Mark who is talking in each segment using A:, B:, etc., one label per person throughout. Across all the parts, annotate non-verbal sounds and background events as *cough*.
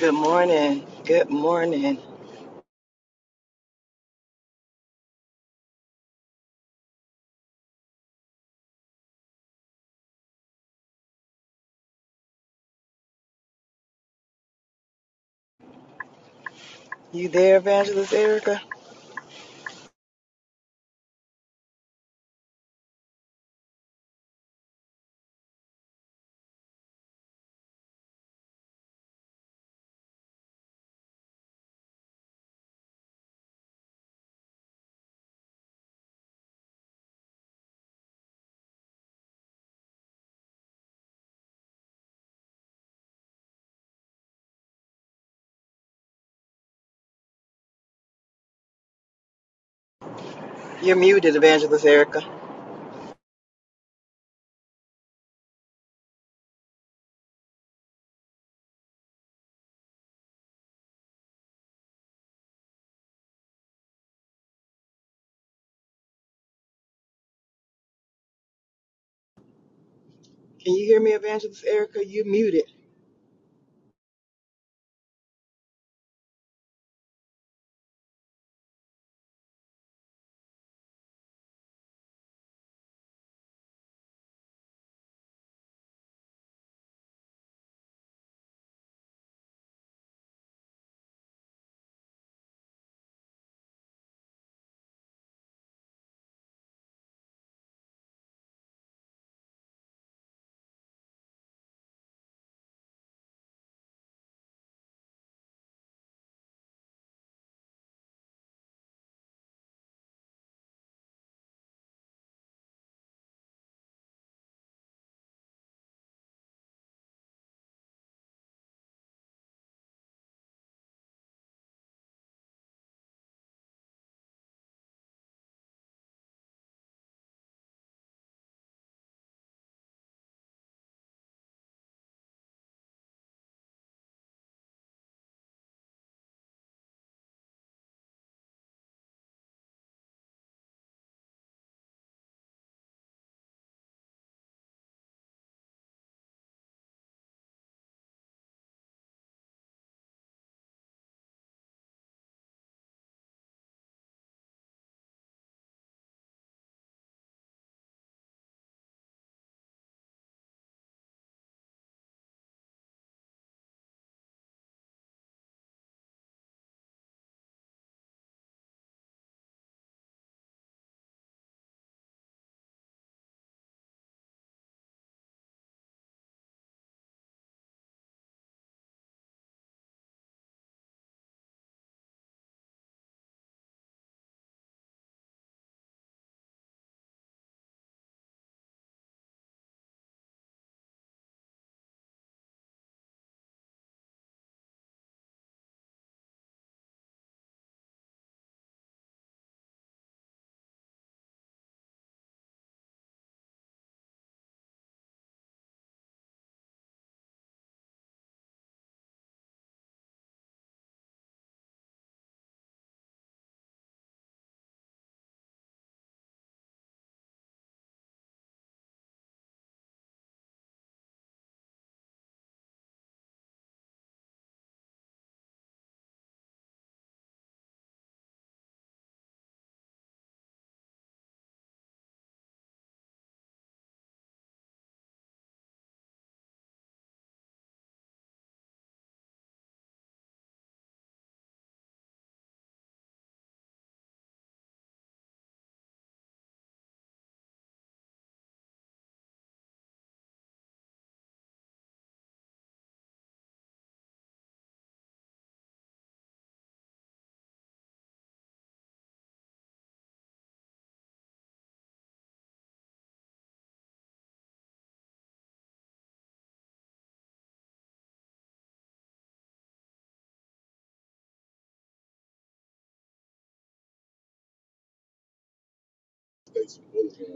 A: Good morning. Good morning. You there, Evangelist Erica? You're muted, Evangelist Erica. Can you hear me, Evangelist Erica? You muted.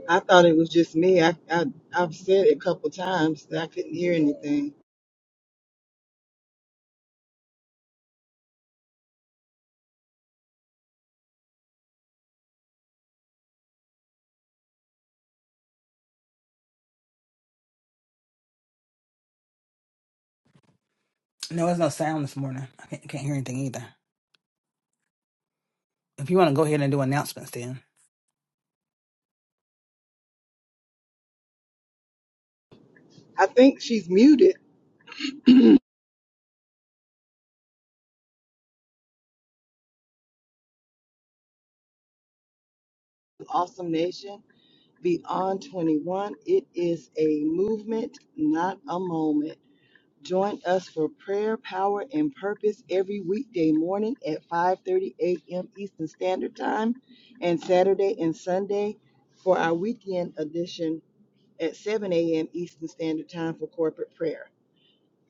A: I thought it was just me. I, I I've said it a couple times that I couldn't hear anything.
B: No, there's no sound this morning. I can't, can't hear anything either. If you want to go ahead and do announcements, then.
A: I think she's muted. Awesome Nation Beyond 21. It is a movement, not a moment. Join us for prayer, power, and purpose every weekday morning at 5:30 a.m. Eastern Standard Time, and Saturday and Sunday for our weekend edition at 7 a.m. Eastern Standard Time for corporate prayer.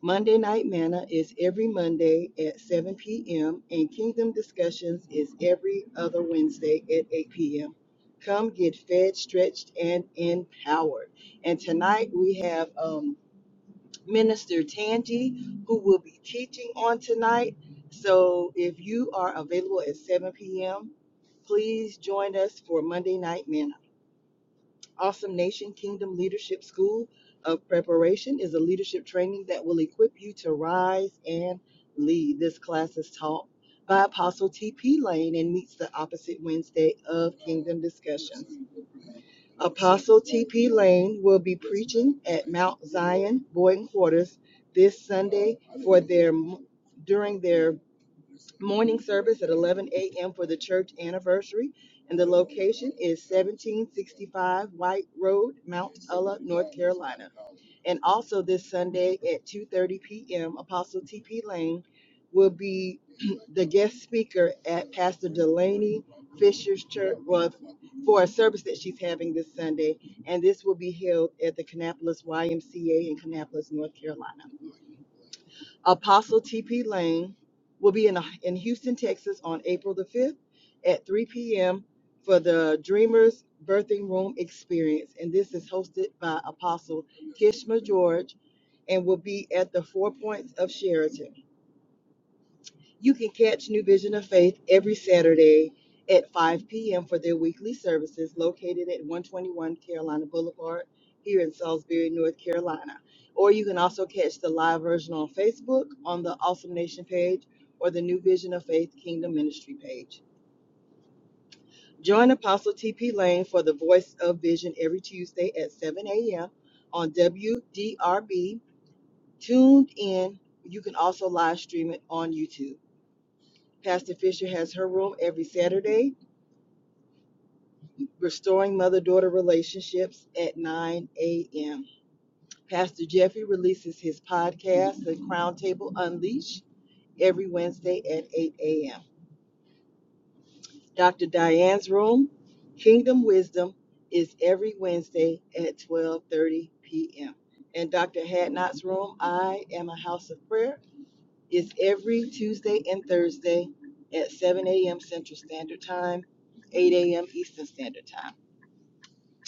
A: Monday Night Manna is every Monday at 7 p.m., and Kingdom Discussions is every other Wednesday at 8 p.m. Come get fed, stretched, and empowered. And tonight we have. Um, Minister Tangi, who will be teaching on tonight. So if you are available at 7 p.m., please join us for Monday Night Manna. Awesome Nation Kingdom Leadership School of Preparation is a leadership training that will equip you to rise and lead. This class is taught by Apostle T.P. Lane and meets the opposite Wednesday of Kingdom Discussions. Apostle T.P. Lane will be preaching at Mount Zion Boyden Quarters this Sunday for their during their morning service at 11 a.m. for the church anniversary. And the location is 1765 White Road, Mount Ulla, North Carolina. And also this Sunday at 2:30 p.m., Apostle T.P. Lane will be *clears throat* the guest speaker at Pastor Delaney Fisher's church well, for a service that she's having this Sunday, and this will be held at the Kannapolis YMCA in Kannapolis, North Carolina. Apostle T.P. Lane will be in, in Houston, Texas on April the 5th at 3 p.m. for the Dreamers Birthing Room Experience, and this is hosted by Apostle Kishma George and will be at the Four Points of Sheraton. You can catch New Vision of Faith every Saturday at 5 p.m. for their weekly services located at 121 Carolina Boulevard here in Salisbury, North Carolina. Or you can also catch the live version on Facebook on the Awesome Nation page or the New Vision of Faith Kingdom Ministry page. Join Apostle TP Lane for the Voice of Vision every Tuesday at 7 a.m. on WDRB tuned in. You can also live stream it on YouTube. Pastor Fisher has her room every Saturday, Restoring Mother Daughter Relationships at 9 a.m. Pastor Jeffrey releases his podcast, The Crown Table Unleashed, every Wednesday at 8 a.m. Dr. Diane's room, Kingdom Wisdom, is every Wednesday at 12:30 p.m. And Dr. Hadnot's room, I am a house of prayer It's every Tuesday and Thursday at 7 a.m. Central Standard Time, 8 a.m. Eastern Standard Time.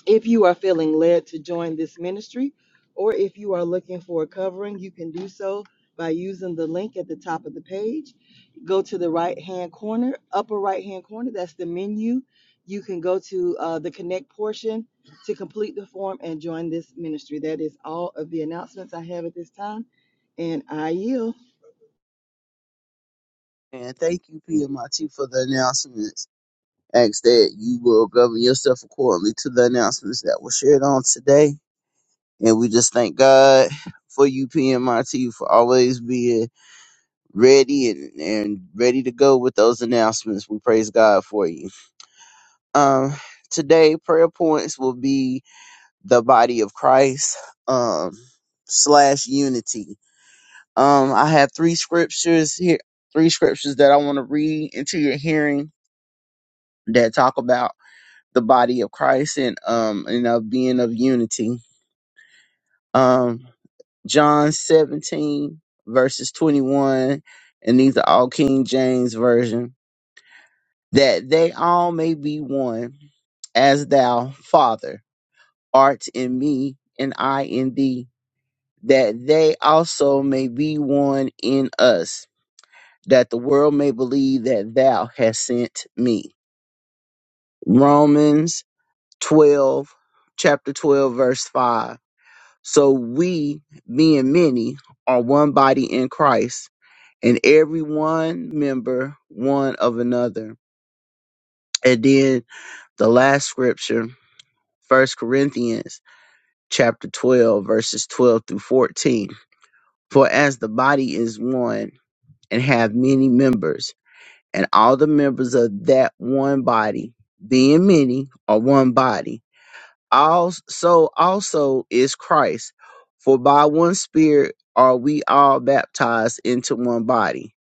A: If you are feeling led to join this ministry, or if you are looking for a covering, you can do so by using the link at the top of the page. Go to the right hand corner, upper right hand corner, that's the menu. You can go to uh, the connect portion to complete the form and join this ministry. That is all of the announcements I have at this time, and I yield.
C: And thank you, PMIT, for the announcements. Ask that you will govern yourself accordingly to the announcements that were shared on today. And we just thank God for you, PMIT, for always being ready and, and ready to go with those announcements. We praise God for you. Um, today, prayer points will be the body of Christ um, slash unity. Um, I have three scriptures here, three scriptures that I want to read into your hearing that talk about the body of Christ and um and of being of unity. Um John 17 verses 21 and these are all King James version that they all may be one as thou father art in me and I in thee that they also may be one in us that the world may believe that thou hast sent me. Romans 12 chapter 12 verse 5 So we, being many, are one body in Christ, and every one member one of another. And then the last scripture, First Corinthians chapter 12, verses 12 through 14. For as the body is one and have many members, and all the members of that one body, being many, are one body All so also is Christ. For by one Spirit are we all baptized into one body,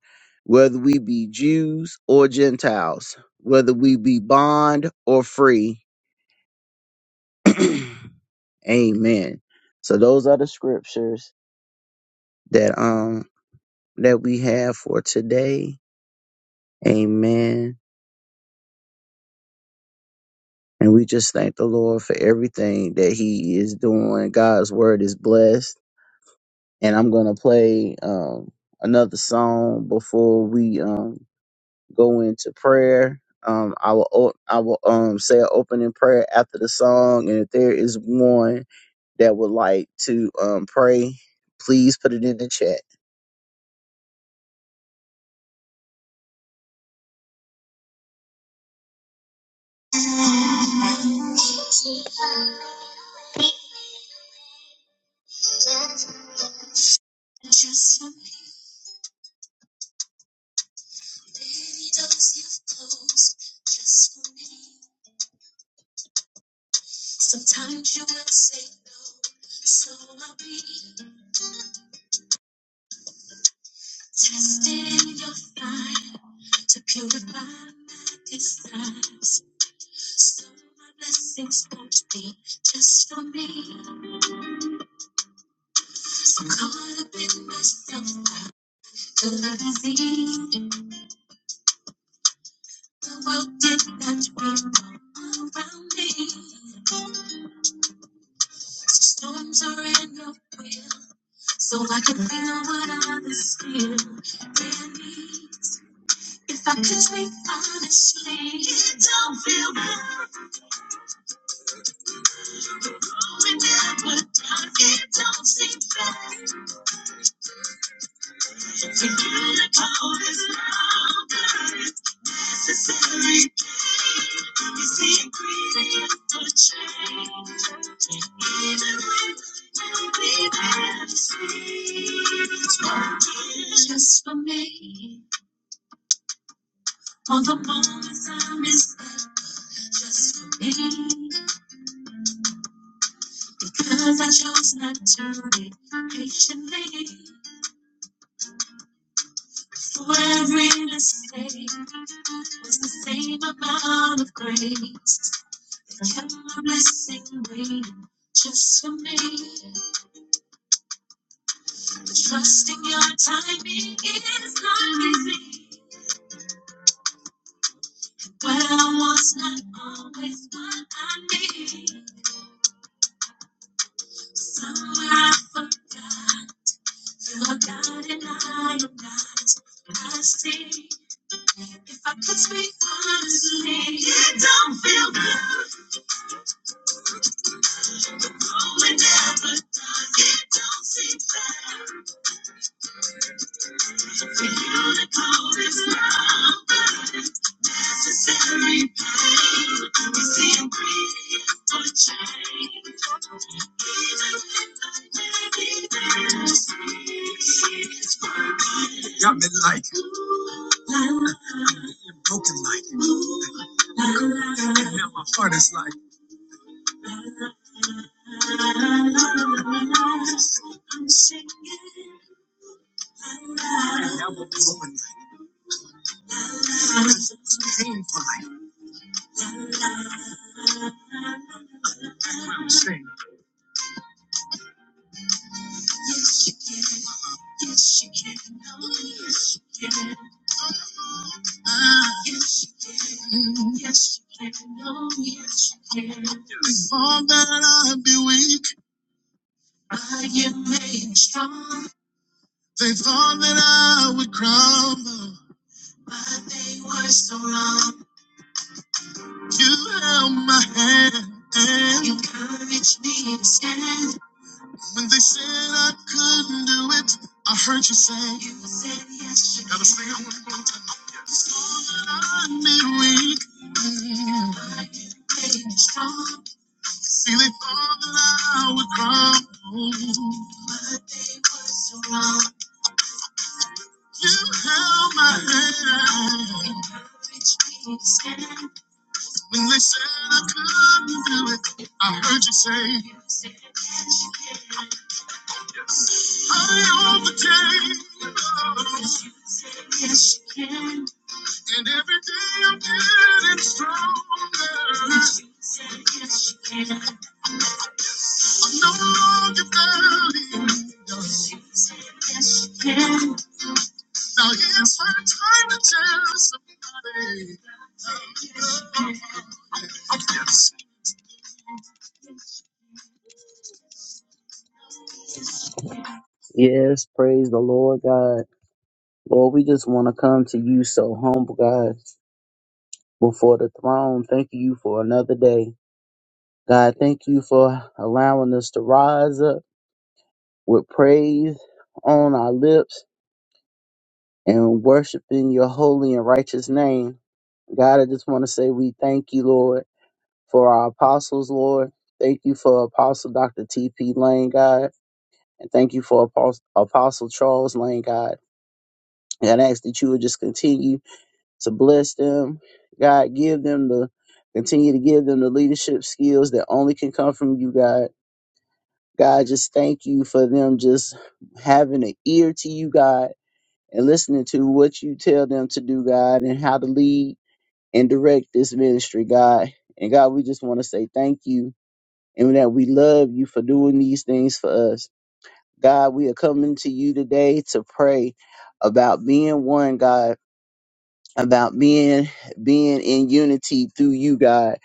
C: whether we be Jews or Gentiles, whether we be bond or free. *clears throat* Amen. So those are the scriptures that um that we have for today. Amen. And we just thank the Lord for everything that He is doing. God's word is blessed and I'm gonna play um, another song before we um, go into prayer. Um, I will o- I will um, say an opening prayer after the song, and if there is one that would like to um, pray, please put it in the chat. Y'all been like broken life, can have my furnace life, can have a blowing life, painful life, shame. I've been weak, feeling all that I would crumble. You held my hand when they said I couldn't do it. I heard you say, I overcame. Yes, praise the Lord God. Lord, we just want to come to you so humble, God, before the throne. Thank you for another day. God, thank you for allowing us to rise up with praise on our lips and worship in your holy and righteous name. God, I just want to say we thank you, Lord. for our apostles, Lord. Thank you for Apostle Dr. T.P. Lane, God. And thank you for Apos- Apostle Charles Lane, God. And I ask that you would just continue to bless them. God, give them the, continue to give them the leadership skills that only can come from you, God. God, just thank you for them just having an ear to you, God, and listening to what you tell them to do, God, and how to lead and direct this ministry, God. And God, we just want to say thank you and that we love you for doing these things for us. God, we are coming to you today to pray about being one, God, about being being in unity through you, God,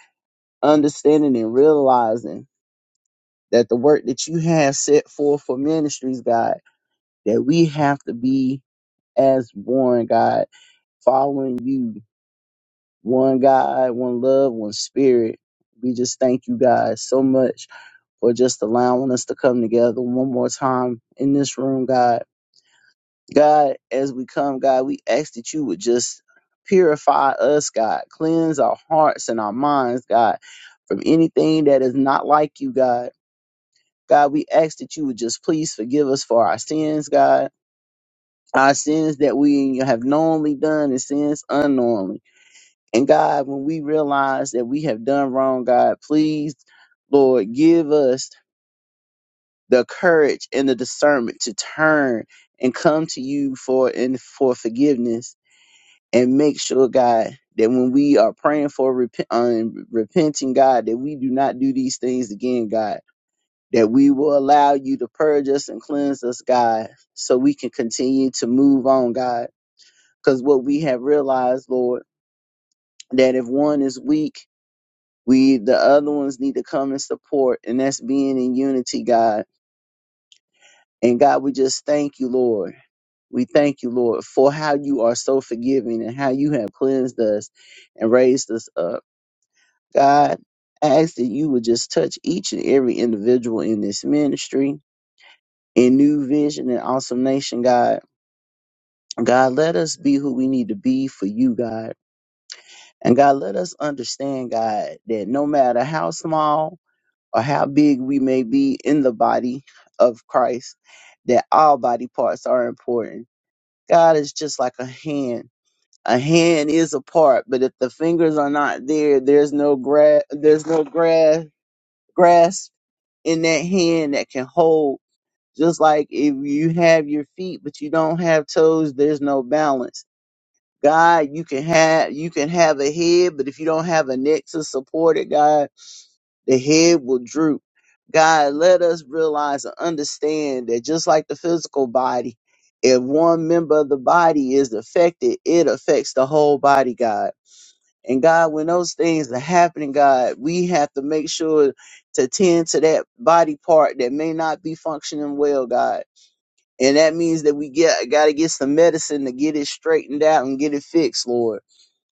C: understanding and realizing that the work that you have set forth for ministries, God, that we have to be as one, God, following you, one God, one love, one spirit. We just thank you, God, so much for just allowing us to come together one more time in this room, God. God, as we come, God, we ask that you would just purify us, God. Cleanse our hearts and our minds, God, from anything that is not like you, God. God, we ask that you would just please forgive us for our sins, God. Our sins that we have knowingly done and sins unknowingly. And God, when we realize that we have done wrong, God, please, Lord, give us the courage and the discernment to turn and come to you for and for forgiveness and make sure God that when we are praying for repent, um, repenting God that we do not do these things again God that we will allow you to purge us and cleanse us God so we can continue to move on God because what we have realized Lord that if one is weak we the other ones need to come and support and that's being in unity God and God we just thank you Lord We thank you, Lord, for how you are so forgiving and how you have cleansed us and raised us up. God, I ask that you would just touch each and every individual in this ministry, in New Vision and Awesome Nation, God. God, let us be who we need to be for you, God. And God, let us understand, God, that no matter how small or how big we may be in the body of Christ, that all body parts are important. God is just like a hand. a hand is a part, but if the fingers are not there, there's no gra- there's no gra- grasp in that hand that can hold. Just like if you have your feet but you don't have toes, there's no balance. God, you can have you can have a head, but if you don't have a neck to support it, God, the head will droop. God, let us realize and understand that just like the physical body, if one member of the body is affected, it affects the whole body, God. And God, when those things are happening, God, we have to make sure to tend to that body part that may not be functioning well, God. And that means that we get got to get some medicine to get it straightened out and get it fixed, Lord.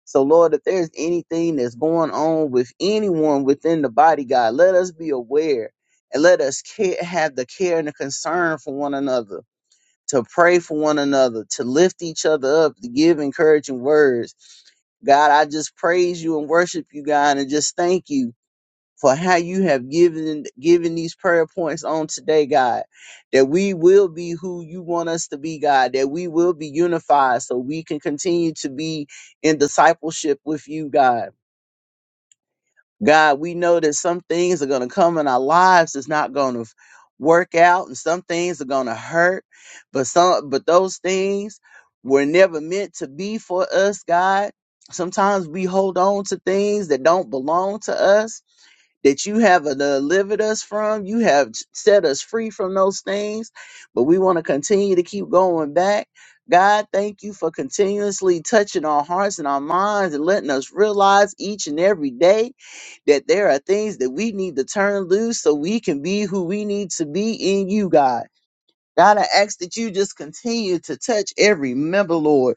C: So, Lord, if there's anything that's going on with anyone within the body, God, let us be aware and let us care, have the care and the concern for one another to pray for one another, to lift each other up, to give encouraging words. God, I just praise you and worship you, God, and just thank you for how you have given given these prayer points on today, God. That we will be who you want us to be, God. That we will be unified so we can continue to be in discipleship with you, God God, we know that some things are going to come in our lives that's not going to work out, and some things are going to hurt. But some, but those things were never meant to be for us, God. Sometimes we hold on to things that don't belong to us, that you have uh, delivered us from. You have set us free from those things, but we want to continue to keep going back. God, thank you for continuously touching our hearts and our minds and letting us realize each and every day that there are things that we need to turn loose so we can be who we need to be in you, God. God, I ask that you just continue to touch every member, Lord.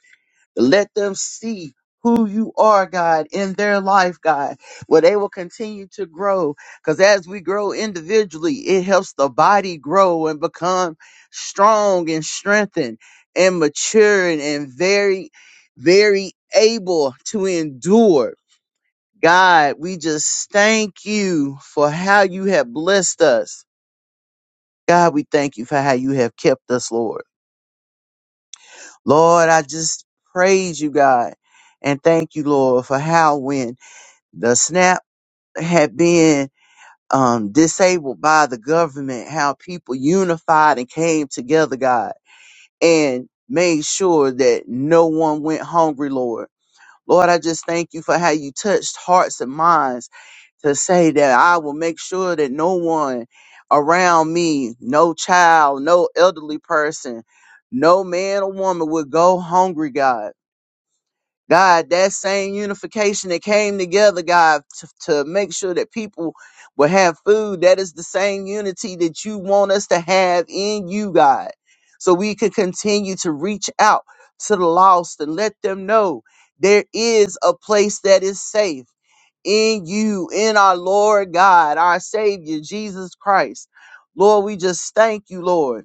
C: Let them see who you are, God, in their life, God, where they will continue to grow. Because as we grow individually, it helps the body grow and become strong and strengthened and mature and very, very able to endure God, we just thank you for how you have blessed us. God, we thank you for how you have kept us, Lord. Lord, I just praise you, God, and thank you, Lord, for how when the SNAP had been um, disabled by the government, how people unified and came together, God, and made sure that no one went hungry, Lord Lord, I just thank you for how you touched hearts and minds to say that I will make sure that no one around me, no child, no elderly person, no man or woman would go hungry, God. God, that same unification that came together, God, to, to make sure that people will have food, that is the same unity that you want us to have in you, God. So we can continue to reach out to the lost and let them know there is a place that is safe in you, in our Lord God, our Savior, Jesus Christ. Lord, we just thank you, Lord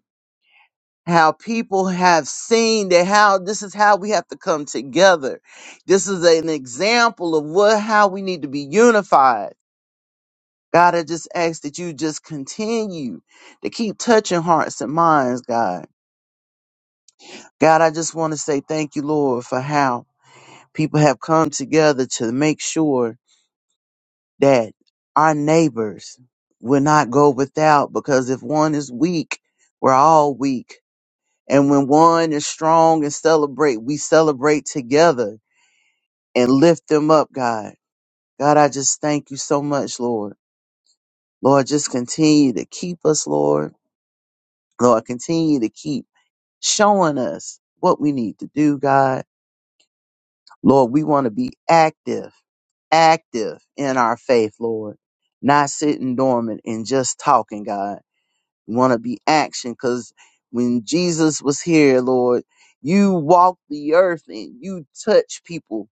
C: how people have seen that how this is how we have to come together. This is an example of what how we need to be unified. God, I just ask that you just continue to keep touching hearts and minds, God. God, I just want to say thank you, Lord, for how people have come together to make sure that our neighbors will not go without because if one is weak, we're all weak And when one is strong and celebrate, we celebrate together and lift them up, God. God, I just thank you so much, Lord. Lord, just continue to keep us, Lord. Lord, continue to keep showing us what we need to do, God. Lord, we want to be active, active in our faith, Lord, not sitting dormant and just talking, God. want to be action because when Jesus was here, Lord, you walked the earth and you touched people.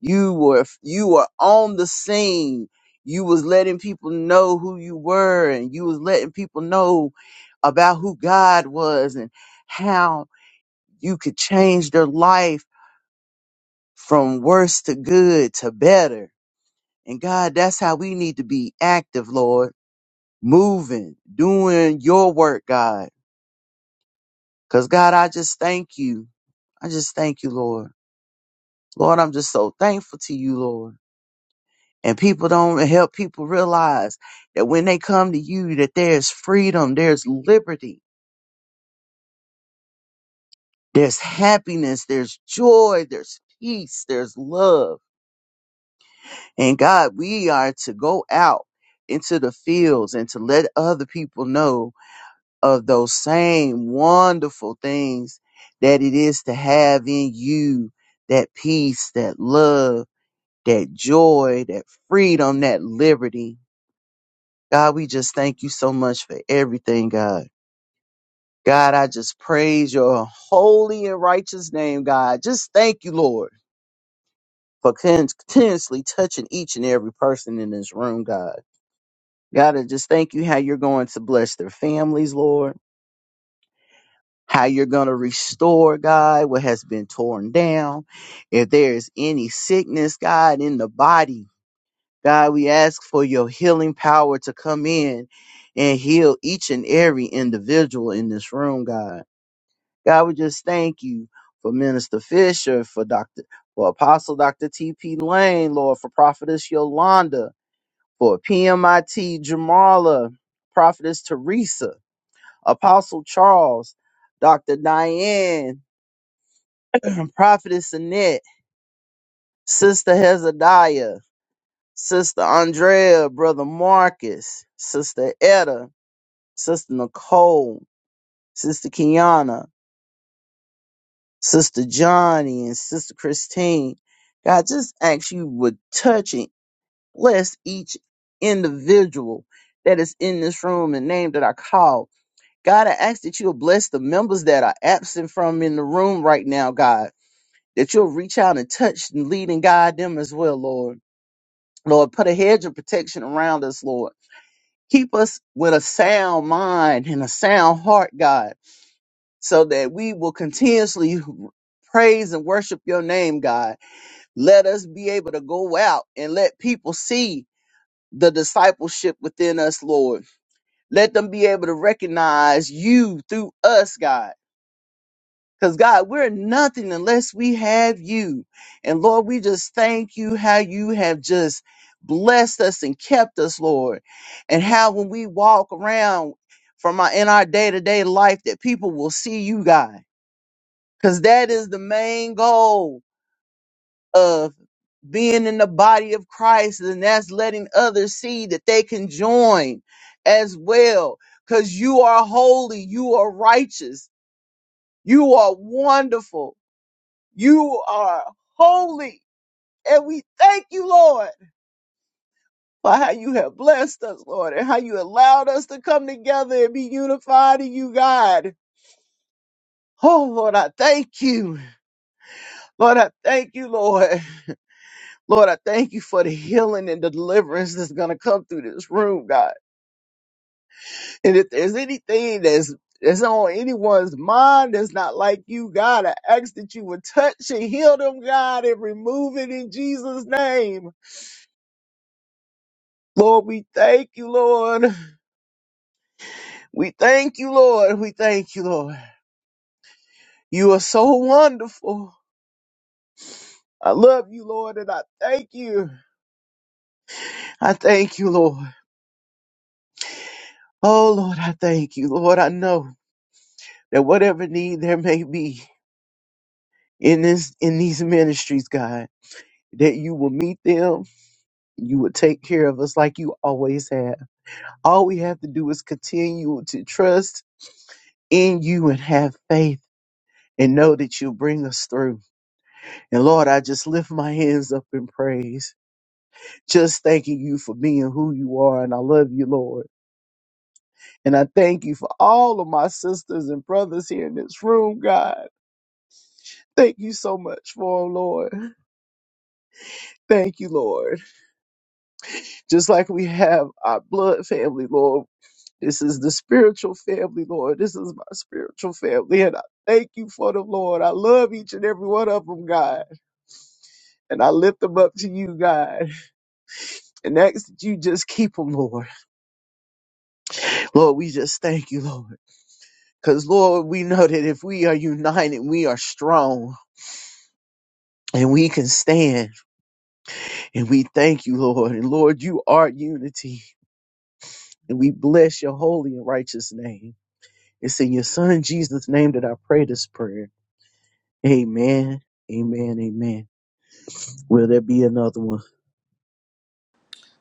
C: You were you were on the scene. You was letting people know who you were and you was letting people know about who God was and how you could change their life from worse to good to better. And God, that's how we need to be active, Lord, moving, doing your work, God Because, God, I just thank you. I just thank you, Lord. Lord, I'm just so thankful to you, Lord. And people don't help people realize that when they come to you, that there's freedom, there's liberty, there's happiness, there's joy, there's peace, there's love. And God, we are to go out into the fields and to let other people know of those same wonderful things that it is to have in you that peace, that love that joy, that freedom, that liberty. God, we just thank you so much for everything, God. God, I just praise your holy and righteous name, God. Just thank you, Lord, for continuously touching each and every person in this room, God. God, I just thank you how you're going to bless their families, Lord. How you're going to restore, God, what has been torn down. If there is any sickness, God, in the body, God, we ask for your healing power to come in and heal each and every individual in this room, God. God, we just thank you for Minister Fisher, for Dr. for Apostle Dr. T.P. Lane, Lord, for Prophetess Yolanda, for PMIT Jamala, Prophetess Teresa, Apostle Charles, Dr. Diane, *clears throat* Prophetess Annette, Sister Hezekiah, Sister Andrea, Brother Marcus, Sister Etta, Sister Nicole, Sister Kiana, Sister Johnny, and Sister Christine. God, just ask you would touch and bless each individual that is in this room and name that I call. God, I ask that you'll bless the members that are absent from in the room right now, God, that you'll reach out and touch and lead and guide them as well, Lord. Lord, put a hedge of protection around us, Lord. Keep us with a sound mind and a sound heart, God. so that we will continuously praise and worship your name, God. Let us be able to go out and let people see the discipleship within us, Lord. Let them be able to recognize you through us, God. Because, God, we're nothing unless we have you. And, Lord, we just thank you how you have just blessed us and kept us, Lord. And how when we walk around from our, in our day to day life, that people will see you, God because that is the main goal of being in the body of Christ, and that's letting others see that they can join as well. Because you are holy, you are righteous, you are wonderful, you are holy. And we thank you, Lord, for how you have blessed us, Lord, and how you allowed us to come together and be unified in you, God. Oh, Lord, I thank you. Lord, I thank you, Lord. Lord, I thank you for the healing and the deliverance that's going to come through this room, God. And if there's anything that's that's on anyone's mind that's not like you, God, I ask that you would touch and heal them, God, and remove it in Jesus' name. Lord, we thank you, Lord. We thank you, Lord. We thank you, Lord. You are so wonderful. I love you, Lord, and I thank you. I thank you, Lord. Oh, Lord, I thank you, Lord. I know that whatever need there may be, in this in these ministries, God, that you will meet them, you will take care of us like you always have. All we have to do is continue to trust in you and have faith and know that you'll bring us through. And Lord, I just lift my hands up in praise, just thanking you for being who you are. And I love you, Lord. And I thank you for all of my sisters and brothers here in this room, God. Thank you so much for 'em, Lord. Thank you, Lord. just like we have our blood family, Lord. This is the spiritual family, Lord. This is my spiritual family. And I thank you for them, Lord. I love each and every one of them, God. And I lift them up to you, God. And ask that you just keep them, Lord. Lord, we just thank you, Lord. Because, Lord, we know that if we are united, we are strong and we can stand. And we thank you, Lord. And, Lord, you are unity. And we bless your holy and righteous name. It's in your son Jesus' name that I pray this prayer. Amen. Amen. Amen. Will there be another one?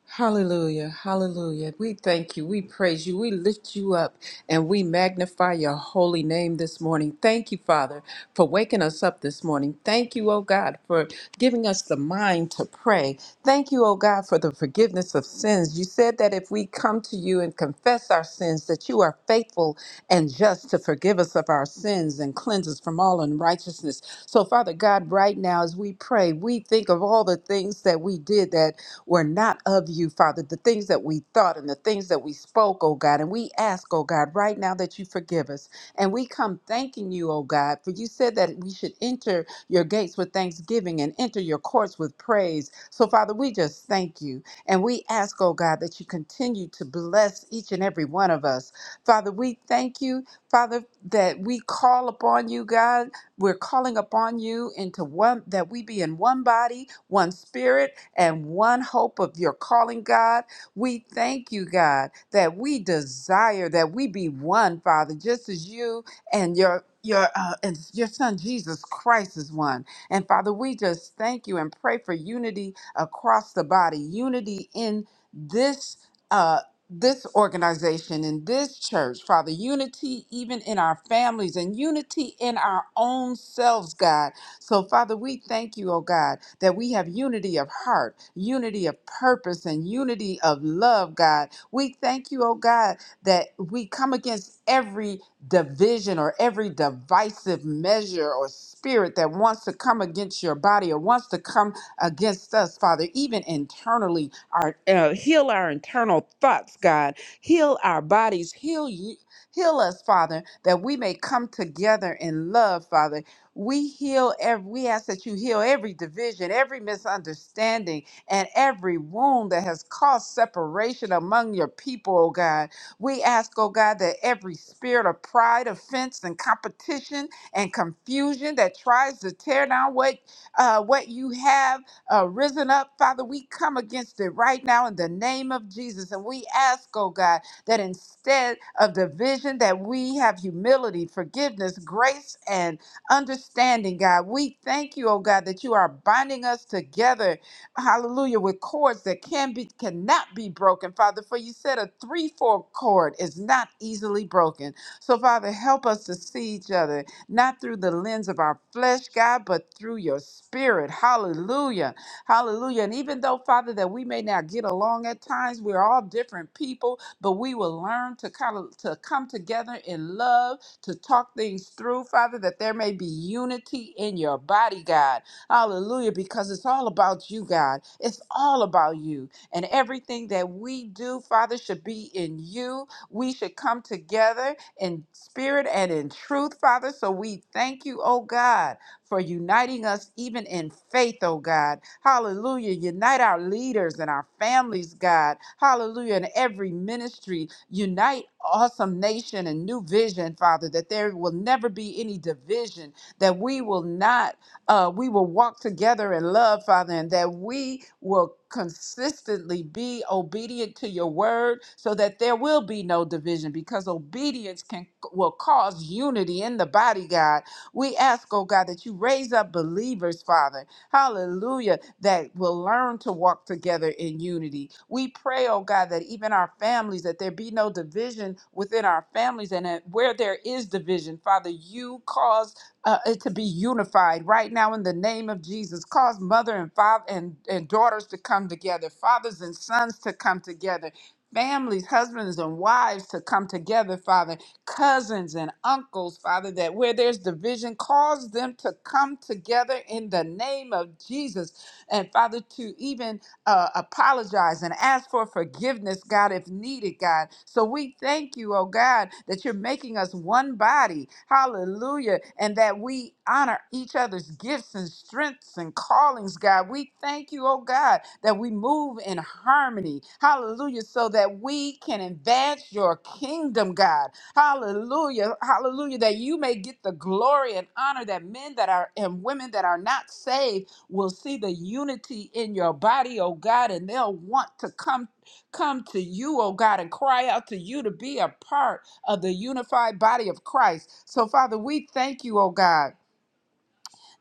D: Hallelujah, hallelujah. We thank you, we praise you, we lift you up, and we magnify your holy name this morning. Thank you, Father, for waking us up this morning. Thank you, oh God, for giving us the mind to pray. Thank you, oh God, for the forgiveness of sins. You said that if we come to you and confess our sins, that you are faithful and just to forgive us of our sins and cleanse us from all unrighteousness. So, Father God, right now as we pray, we think of all the things that we did that were not of you, Father, the things that we thought and the things that we spoke, oh God. And we ask, oh God, right now that you forgive us. And we come thanking you, oh God, for you said that we should enter your gates with thanksgiving and enter your courts with praise. So, Father, we just thank you. And we ask, oh God, that you continue to bless each and every one of us. Father, we thank you, Father, that we call upon you, God. We're calling upon you into one, that we be in one body, one spirit and one hope of your calling, God. We thank you, God, that we desire that we be one, Father, just as you and your your uh, and your son Jesus Christ is one. And Father, we just thank you and pray for unity across the body, unity in this uh this organization in this church, Father, unity even in our families and unity in our own selves, God, so, Father, we thank you, oh God, that we have unity of heart, unity of purpose, and unity of love, God. We thank you, oh God, that we come against every division or every divisive measure or spirit that wants to come against your body or wants to come against us, Father, even internally. Our uh, heal our internal thoughts, God. Heal our bodies. Heal you. Heal us, Father, that we may come together in love, Father we heal every, we ask that you heal every division, every misunderstanding, and every wound that has caused separation among your people, oh God. We ask, oh God, that every spirit of pride, offense, and competition and confusion that tries to tear down what uh, what you have uh, risen up, Father, we come against it right now in the name of Jesus. And we ask, oh God, that instead of division, that we have humility, forgiveness, grace, and understanding, God. We thank you, oh God, that you are binding us together, hallelujah, with cords that can be cannot be broken, Father. For you said a three-four cord is not easily broken. So, Father, help us to see each other, not through the lens of our flesh, God, but through your spirit. Hallelujah. Hallelujah. And even though, Father, that we may not get along at times, we're all different people, but we will learn to kind of to come together in love to talk things through, Father, that there may be unity in your body, God. Hallelujah, because it's all about you, God. It's all about you. And everything that we do, Father, should be in you. We should come together in spirit and in truth, Father. So we thank you, oh God for uniting us even in faith, oh God. Hallelujah. Unite our leaders and our families, God. Hallelujah. In every ministry, unite awesome nation and new vision, Father, that there will never be any division, that we will not, uh, we will walk together in love, Father, and that we will consistently be obedient to your word so that there will be no division because obedience can will cause unity in the body god we ask, oh God, that you raise up believers, Father. Hallelujah, that will learn to walk together in unity. We pray, oh God, that even our families, that there be no division within our families, and that where there is division, Father, you cause uh, it to be unified right now in the name of Jesus. Cause mother and father and, and daughters to come together, fathers and sons to come together. Families, husbands, and wives to come together, Father cousins and uncles, Father, that where there's division, cause them to come together in the name of Jesus. And Father, to even uh, apologize and ask for forgiveness, God, if needed, God. So we thank you, oh God, that you're making us one body. Hallelujah. And that we honor each other's gifts and strengths and callings, God. We thank you, oh God, that we move in harmony. Hallelujah. So that we can advance your kingdom, God. Hallelujah. Hallelujah. That you may get the glory and honor that men that are and women that are not saved will see the unity in your body, oh God, and they'll want to come come to you, oh God, and cry out to you to be a part of the unified body of Christ. So Father, we thank you, oh God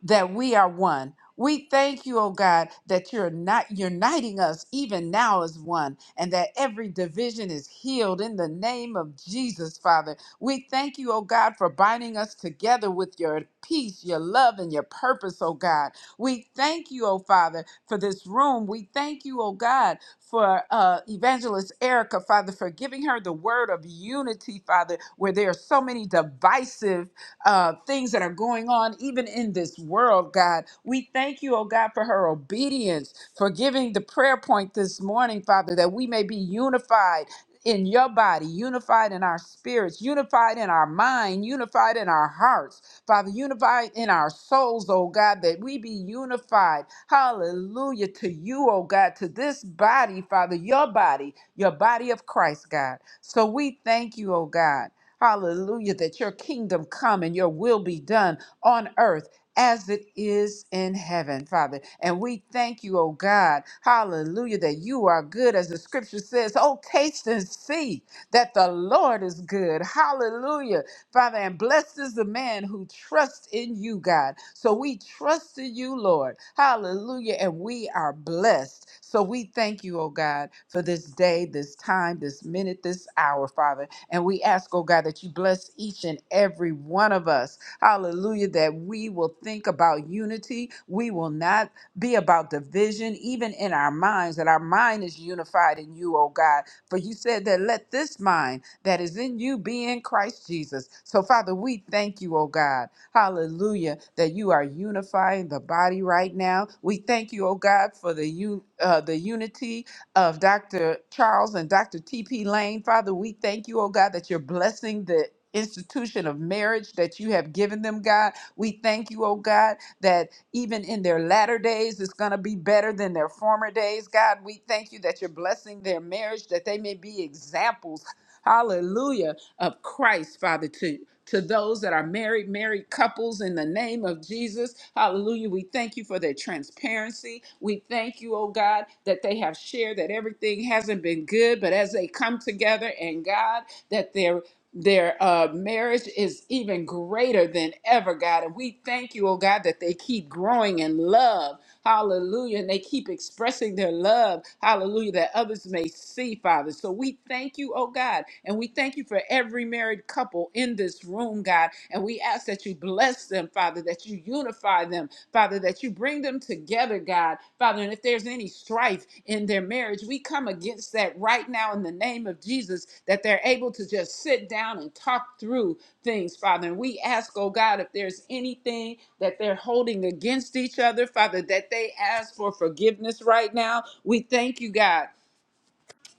D: that we are one. We thank you, oh God, that you're not uniting us even now as one, and that every division is healed in the name of Jesus, Father. We thank you, oh God, for binding us together with your peace, your love, and your purpose, oh God. We thank you, oh Father, for this room. We thank you, oh God, for uh, Evangelist Erica, Father, for giving her the word of unity, Father, where there are so many divisive uh, things that are going on even in this world, God. We thank you, oh God, for her obedience, for giving the prayer point this morning, Father, that we may be unified in your body, unified in our spirits, unified in our mind, unified in our hearts, Father, unified in our souls, oh God, that we be unified. Hallelujah to you, oh God, to this body, Father, your body, your body of Christ, God. So we thank you, oh God. Hallelujah, that your kingdom come and your will be done on earth as it is in heaven, Father. And we thank you, oh God. Hallelujah, that you are good, as the scripture says. Oh, taste and see that the Lord is good. Hallelujah, Father. And blessed is the man who trusts in you, God. So we trust in you, Lord. Hallelujah. And we are blessed. So we thank you, oh God, for this day, this time, this minute, this hour, Father. And we ask, oh God, that you bless each and every one of us. Hallelujah, that we will think about unity. We will not be about division, even in our minds, that our mind is unified in you, oh God. For you said that let this mind that is in you be in Christ Jesus. So, Father, we thank you, oh God. Hallelujah, that you are unifying the body right now. We thank you, oh God, for the, un- uh, the unity of Dr. Charles and Dr. T.P. Lane. Father, we thank you, oh God, that you're blessing the institution of marriage that you have given them, God. We thank you, oh God, that even in their latter days, it's going to be better than their former days. God, we thank you that you're blessing their marriage, that they may be examples. Hallelujah of Christ, Father, to to those that are married, married couples in the name of Jesus. Hallelujah. We thank you for their transparency. We thank you, oh God, that they have shared that everything hasn't been good, but as they come together and God, that their their uh, marriage is even greater than ever, God. And we thank you, oh God, that they keep growing in love Hallelujah. And they keep expressing their love. Hallelujah. That others may see, Father. So we thank you, oh God. And we thank you for every married couple in this room, God. And we ask that you bless them, Father, that you unify them, Father, that you bring them together, God. Father, and if there's any strife in their marriage, we come against that right now in the name of Jesus, that they're able to just sit down and talk through, things, Father. And we ask, oh God, if there's anything that they're holding against each other, Father, that they ask for forgiveness right now. We thank you, God.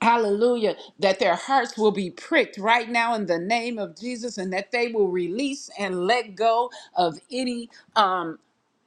D: Hallelujah. That their hearts will be pricked right now in the name of Jesus and that they will release and let go of any um,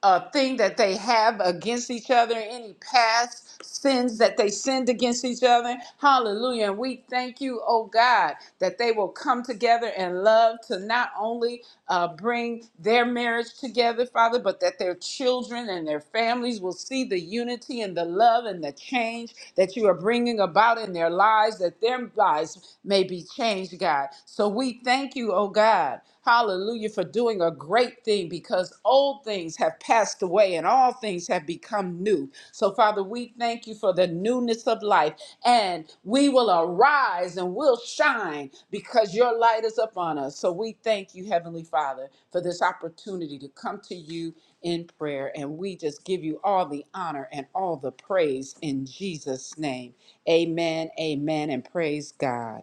D: uh, thing that they have against each other, any past sins that they sinned against each other. Hallelujah. And we thank you, oh God, that they will come together in love to not only uh, bring their marriage together, Father, but that their children and their families will see the unity and the love and the change that you are bringing about in their lives, that their lives may be changed, God. So we thank you, oh God. Hallelujah, for doing a great thing because old things have passed away and all things have become new do. So, Father, we thank you for the newness of life, and we will arise and we'll shine because your light is upon us. So, we thank you, Heavenly Father, for this opportunity to come to you in prayer, and we just give you all the honor and all the praise in Jesus' name. Amen, amen, and praise God.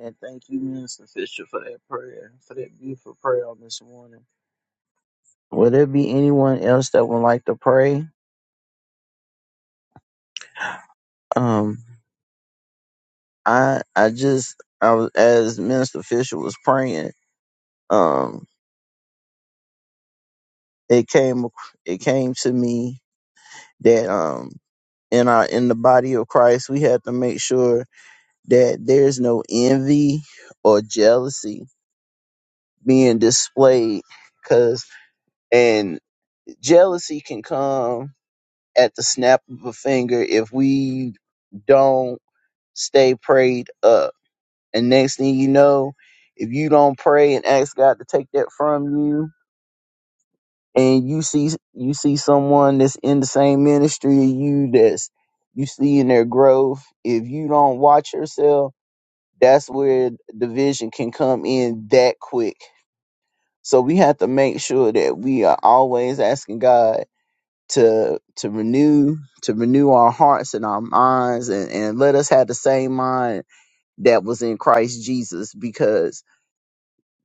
C: And thank you, Minister Fisher, for that prayer, for that beautiful prayer on this morning. Will there be anyone else that would like to pray? Um, I I just I was as Minister Fisher was praying, um, it came it came to me that um in our in the body of Christ we have to make sure that there's no envy or jealousy being displayed because and jealousy can come at the snap of a finger if we don't stay prayed up and next thing you know if you don't pray and ask god to take that from you and you see you see someone that's in the same ministry as you that's you see in their growth if you don't watch yourself that's where division can come in that quick So we have to make sure that we are always asking God to to renew to renew our hearts and our minds and, and let us have the same mind that was in Christ Jesus because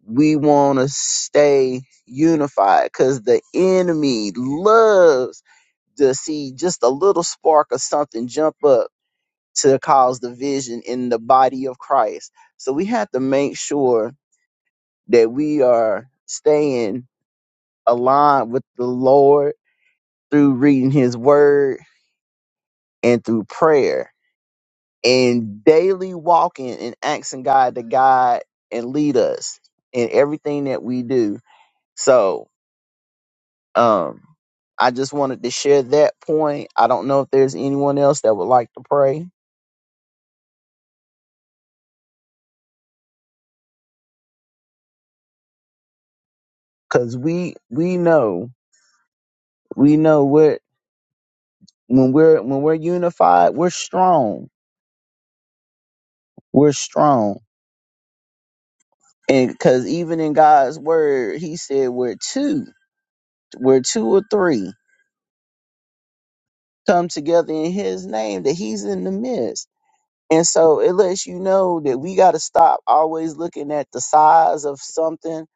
C: we want to stay unified because the enemy loves to see just a little spark of something jump up to cause division in the body of Christ. So we have to make sure that we are staying aligned with the Lord through reading his word and through prayer and daily walking and asking God to guide and lead us in everything that we do. So, um, I just wanted to share that point. I don't know if there's anyone else that would like to pray because we we know we know what when we're when we're unified, we're strong. We're strong, and because even in God's word, He said we're two, we're two or three come together in his name that he's in the midst and so it lets you know that we got to stop always looking at the size of something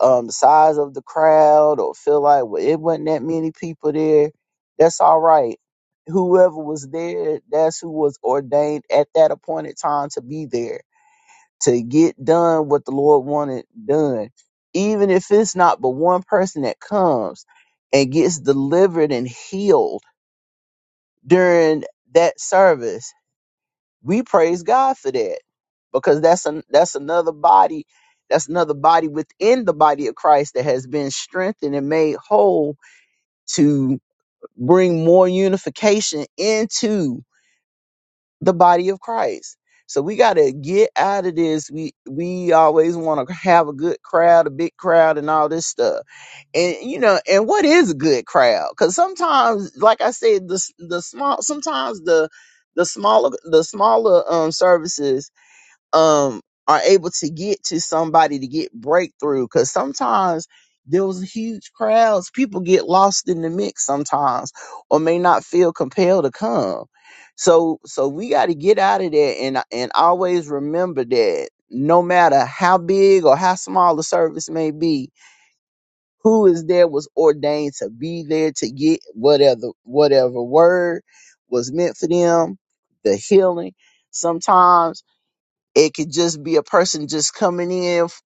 C: um the size of the crowd or feel like well it wasn't that many people there that's all right whoever was there that's who was ordained at that appointed time to be there to get done what the lord wanted done even if it's not but one person that comes and gets delivered and healed during that service. We praise God for that because that's an, that's another body, that's another body within the body of Christ that has been strengthened and made whole to bring more unification into the body of Christ. So we got to get out of this. We we always want to *laughs* have a good crowd, a big crowd, and all this stuff. And you know, and what is a good crowd? Because sometimes, like I said, the s- the small sometimes the the smaller the smaller um services um are able to get to somebody to get breakthrough because sometimes those huge crowds people get lost in the mix sometimes or may not feel compelled to come so so we got to get out of there and and always remember that no matter how big or how small the service may be who is there was ordained to be there to get whatever whatever word was meant for them the healing sometimes it could just be a person just coming in f-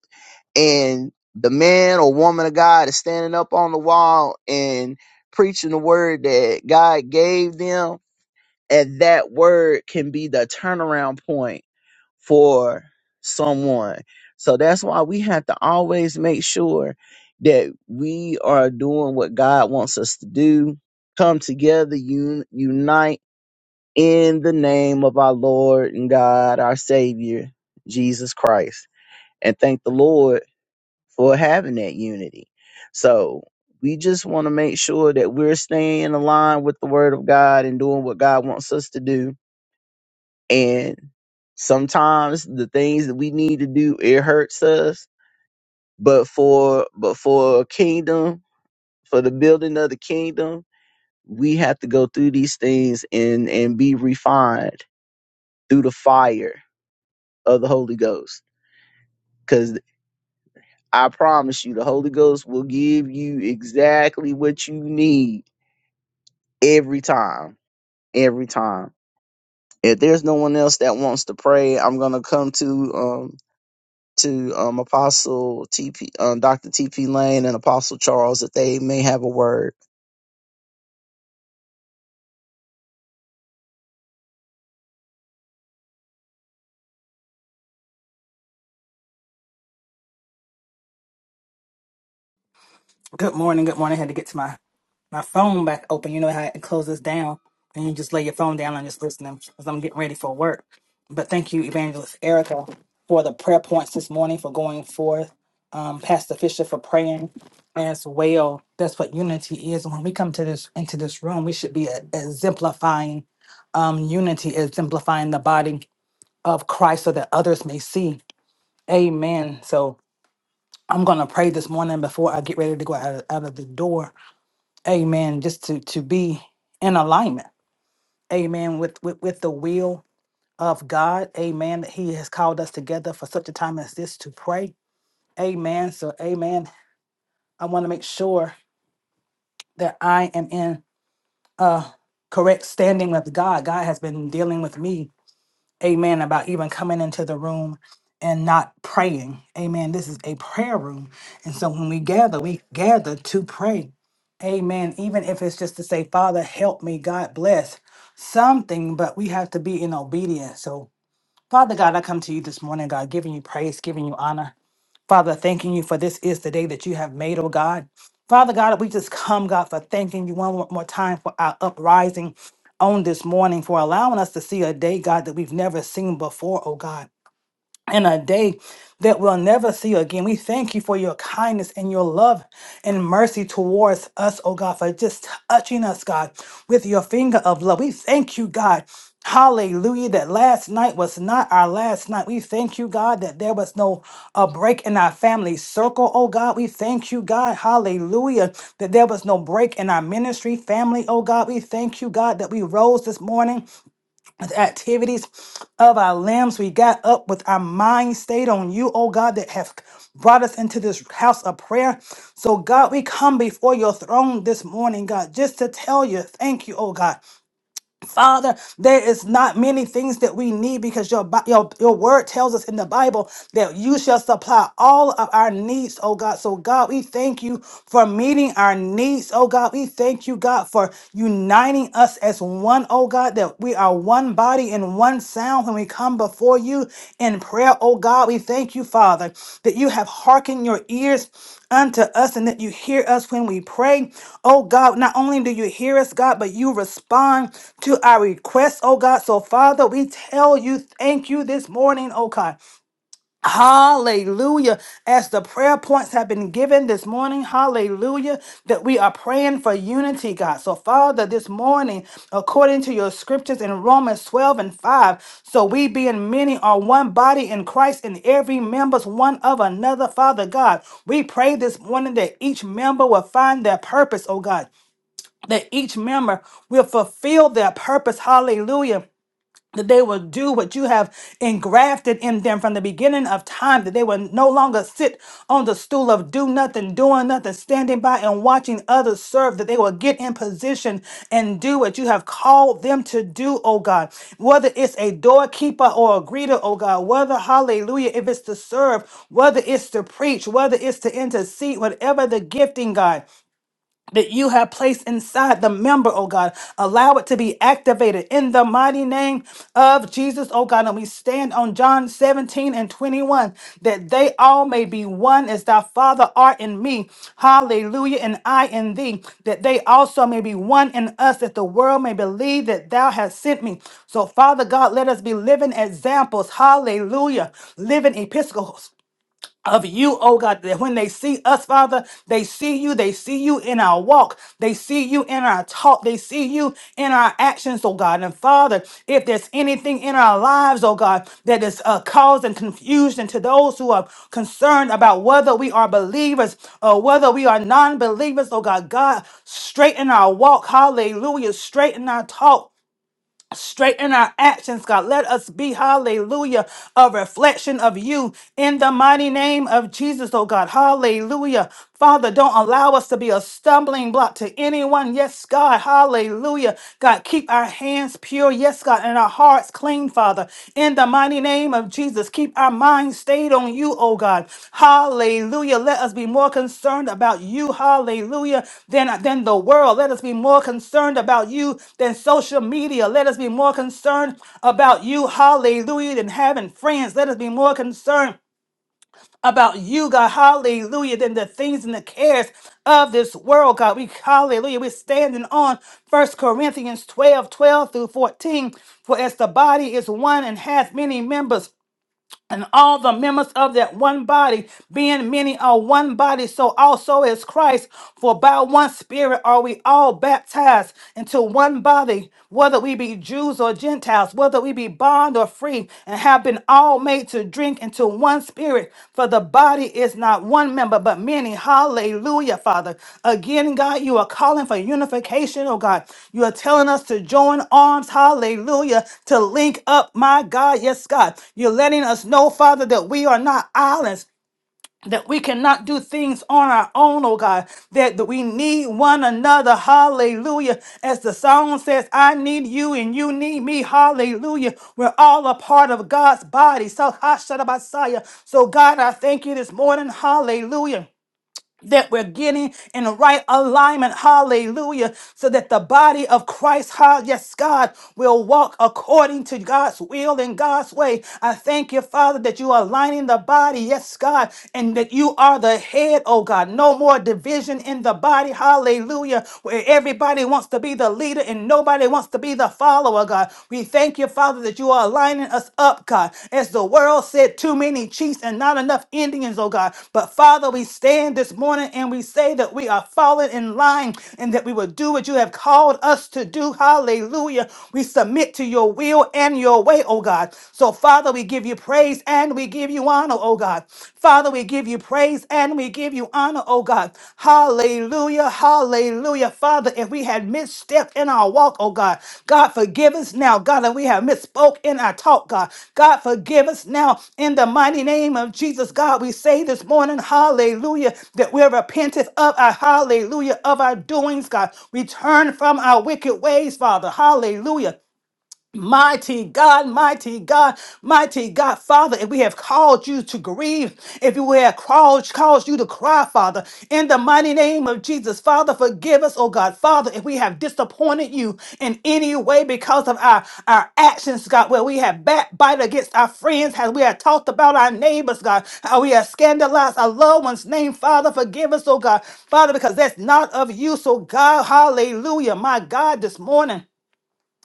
C: and the man or woman of God is standing up on the wall and preaching the word that God gave them. And that word can be the turnaround point for someone. So that's why we have to always make sure that we are doing what God wants us to do. Come together, un- unite in the name of our Lord and God, our Savior, Jesus Christ and thank the Lord for having that unity. So we just want to make sure that we're staying aligned with the word of God and doing what God wants us to do. And sometimes the things that we need to do, it hurts us. But for but for a kingdom, for the building of the kingdom, we have to go through these things and and be refined through the fire of the Holy Ghost. because. I promise you, the Holy Ghost will give you exactly what you need every time. Every time. If there's no one else that wants to pray, I'm gonna come to um to um Apostle TP um Dr. TP Lane and Apostle Charles that they may have a word.
B: Good morning. Good morning. I had to get to my my phone back open. You know how it closes down, and you just lay your phone down and just listen to because I'm getting ready for work. But thank you, Evangelist Erica, for the prayer points this morning, for going forth, um, Pastor Fisher for praying as well. That's what unity is. When we come to this into this room, we should be e- exemplifying um, unity, exemplifying the body of Christ, so that others may see. Amen. So I'm gonna pray this morning before I get ready to go out of, out of the door. Amen. Just to to be in alignment. Amen. With, with with the will of God. Amen. That He has called us together for such a time as this to pray. Amen. So Amen. I want to make sure that I am in a correct standing with God. God has been dealing with me amen, about even coming into the room and not praying. Amen. This is a prayer room. And so when we gather, we gather to pray. Amen. Even if it's just to say, Father, help me, God bless something, but we have to be in obedience. So, Father God, I come to you this morning, God, giving you praise, giving you honor. Father, thanking you for this is the day that you have made, oh God. Father God, we just come, God, for thanking you one more time for our uprising on this morning, for allowing us to see a day, God, that we've never seen before, oh God and a day that we'll never see again. We thank you for your kindness and your love and mercy towards us, oh God, for just touching us, God, with your finger of love. We thank you, God. Hallelujah, that last night was not our last night. We thank you, God, that there was no a break in our family circle, oh God. We thank you, God, hallelujah, that there was no break in our ministry family, oh God. We thank you, God, that we rose this morning the activities of our limbs. We got up with our mind stayed on you, oh God, that have brought us into this house of prayer. So, God, we come before your throne this morning, God, just to tell you thank you, oh God. Father, there is not many things that we need because your, Bi- your, your word tells us in the Bible that you shall supply all of our needs, oh God. So, God, we thank you for meeting our needs, oh God. We thank you, God, for uniting us as one, oh God, that we are one body and one sound when we come before you in prayer, oh God. We thank you, Father, that you have hearkened your ears unto us and that you hear us when we pray. Oh God, not only do you hear us, God, but you respond to our requests, oh God. So, Father, we tell you thank you this morning, oh God. Hallelujah. As the prayer points have been given this morning, hallelujah, that we are praying for unity, God. So, Father, this morning, according to your scriptures in Romans 12 and 5, so we being many are one body in Christ and every member's one of another, Father God. We pray this morning that each member will find their purpose, oh God, that each member will fulfill their purpose, hallelujah that they will do what you have engrafted in them from the beginning of time, that they will no longer sit on the stool of do nothing, doing nothing, standing by and watching others serve, that they will get in position and do what you have called them to do, oh God. Whether it's a doorkeeper or a greeter, oh God, whether, hallelujah, if it's to serve, whether it's to preach, whether it's to intercede, whatever the gifting, God that you have placed inside the member, oh God. Allow it to be activated in the mighty name of Jesus, oh God. And we stand on John 17 and 21 that they all may be one as thy Father art in me. Hallelujah. And I in thee, that they also may be one in us, that the world may believe that thou hast sent me. So, Father God, let us be living examples. Hallelujah. Living epistles of you, oh God, that when they see us, Father, they see you, they see you in our walk, they see you in our talk, they see you in our actions, oh God. And Father, if there's anything in our lives, oh God, that is uh, causing confusion to those who are concerned about whether we are believers or whether we are non believers, oh God, God, straighten our walk, hallelujah, straighten our talk. Straighten our actions, God. Let us be, hallelujah, a reflection of you in the mighty name of Jesus, oh God. Hallelujah. Father, don't allow us to be a stumbling block to anyone. Yes, God. Hallelujah. God, keep our hands pure. Yes, God, and our hearts clean, Father. In the in the mighty name of Jesus, keep our minds stayed on you, oh God. Hallelujah. Let us be more concerned about you, hallelujah, than, than the world. Let us be more concerned about you than social media. Let us be more concerned about you, hallelujah, than having friends. Let us be more concerned about you, God, hallelujah, than the things and the cares of this world, God. We, hallelujah, we're standing on First Corinthians 12, 12 through 14. For as the body is one and hath many members, and all the members of that one body, being many are one body, so also is Christ. For by one Spirit are we all baptized into one body, whether we be Jews or Gentiles, whether we be bond or free, and have been all made to drink into one one spirit, for the body is not one member, but many. Hallelujah, Father. Again, God, you are calling for unification, oh God. You are telling us to join arms, hallelujah, to link up, my God. Yes, God. You're letting us know, Father, that we are not islands that we cannot do things on our own, oh God, that, that we need one another. Hallelujah. As the song says, I need you and you need me. Hallelujah. We're all a part of God's body. So, Hashanah Messiah. So, God, I thank you this morning. Hallelujah that we're getting in the right alignment, hallelujah, so that the body of Christ, ha- yes, God, will walk according to God's will and God's way. I thank you, Father, that you are aligning the body, yes, God, and that you are the head, oh God. No more division in the body, hallelujah, where everybody wants to be the leader and nobody wants to be the follower, God. We we thank you, Father, that you are aligning us up, God. As the world said, too many chiefs and not enough Indians, oh God. But Father, we stand this morning and we say that we are falling in line and that we will do what you have called us to do. Hallelujah. We submit to your will and your way, oh God. So, Father, we give you praise and we give you honor, oh God. Father, we give you praise and we give give you honor, oh God. Hallelujah, hallelujah. Father, if we had misstepped in our walk, oh God, God, forgive us now, God, and we have misspoke in our talk, God. God, forgive us now in the mighty name of Jesus, God. We say this morning, hallelujah, that we're repentant of our hallelujah, of our doings, God. We turn from our wicked ways, Father, hallelujah. Mighty God, mighty God, mighty God, Father, if we have called you to grieve, if we have called, caused you to cry, Father, in the mighty name of Jesus, Father, forgive us, oh God, Father, if we have disappointed you in any way because of our, our actions, God, where we have backbite against our friends, how we have talked about our neighbors, God, how we have scandalized our loved ones' name, Father, forgive us, oh God, Father, because that's not of you, so God, hallelujah, my God, this morning.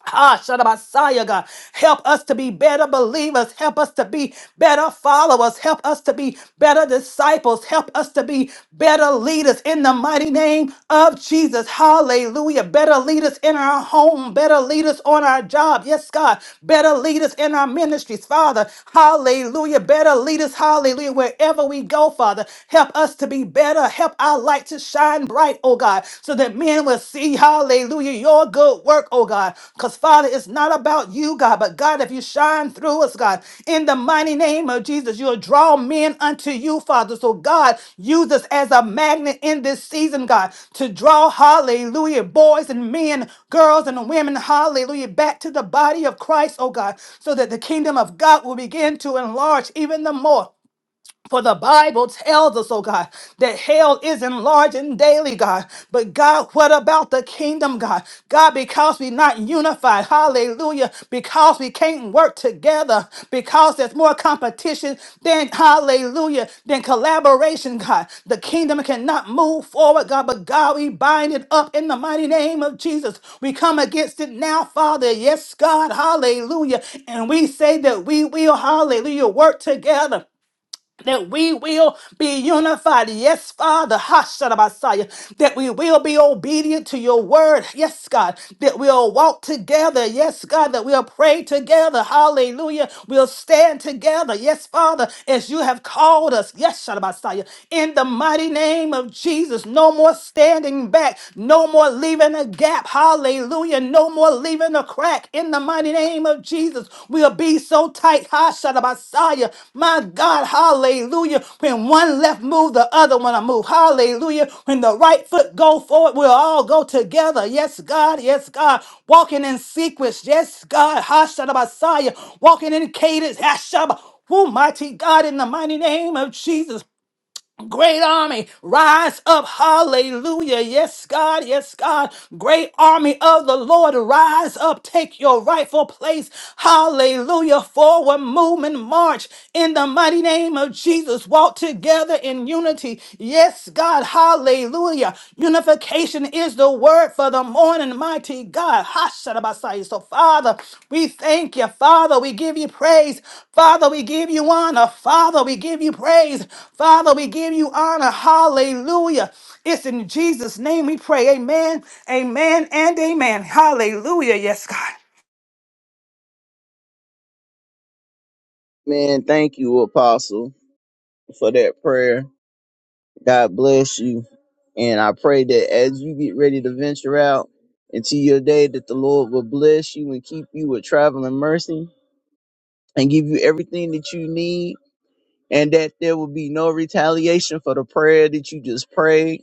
B: Ah, Messiah, God. Help us to be better believers. Help us to be better followers. Help us to be better disciples. Help us to be better leaders in the mighty name of Jesus. Hallelujah. Better leaders in our home. Better leaders on our job. Yes, God. Better leaders in our ministries, Father. Hallelujah. Better leaders. Hallelujah. Wherever we go, Father, help us to be better. Help our light to shine bright and bright, oh God, so that men will see, hallelujah, your good work, oh God. Because, Father, it's not about you, God, but God, if you shine through us, God, in the mighty name of Jesus, you'll draw men unto you, Father. So, God, use us as a magnet in this season, God, to draw, hallelujah, boys and men, girls and women, hallelujah, back to the body of Christ, oh God, so that the kingdom of God will begin to enlarge even the more. For the Bible tells us, oh God, that hell is enlarging daily, God. But God, what about the kingdom, God? God, because we're not unified, hallelujah, because we can't work together, because there's more competition than, hallelujah, than collaboration, God. The kingdom cannot move forward, God, but God, we bind it up in the mighty name of Jesus. We come against it now, Father. Yes, God, hallelujah. And we say that we will, hallelujah, work together that we will be unified. Yes, Father, Messiah. that we will be obedient to your word. Yes, God, that we'll walk together. Yes, God, that we'll pray together. Hallelujah. We'll stand together. Yes, Father, as you have called us. Yes, Messiah. in the mighty name of Jesus. No more standing back. No more leaving a gap. Hallelujah and no more leaving a crack in the mighty name of Jesus. We'll be so tight. Ha Messiah. My God, hallelujah. When one left move, the other one will move. Hallelujah. When the right foot go forward, we'll all go together. Yes, God, yes, God. Walking in sequence. Yes, God. Ha Messiah. Walking in cadence. Ha Who mighty God in the mighty name of Jesus. Great army, rise up. Hallelujah. Yes, God. Yes, God. Great army of the Lord, rise up. Take your rightful place. Hallelujah. Forward movement march in the mighty name of Jesus. Walk together in unity. Yes, God. Hallelujah. Unification is the word for the morning, mighty God. Hashanah So, Father, we thank you. Father, we give you praise. Father, we give you honor. Father, we give you praise. Father, we give you honor. Hallelujah. It's in Jesus' name we pray. Amen, amen, and amen. Hallelujah. Yes, God.
C: Man, thank you, Apostle, for that prayer. God bless you. And I pray that as you get ready to venture out into your day, that the Lord will bless you and keep you with traveling mercy and give you everything that you need and that there will be no retaliation for the prayer that you just prayed.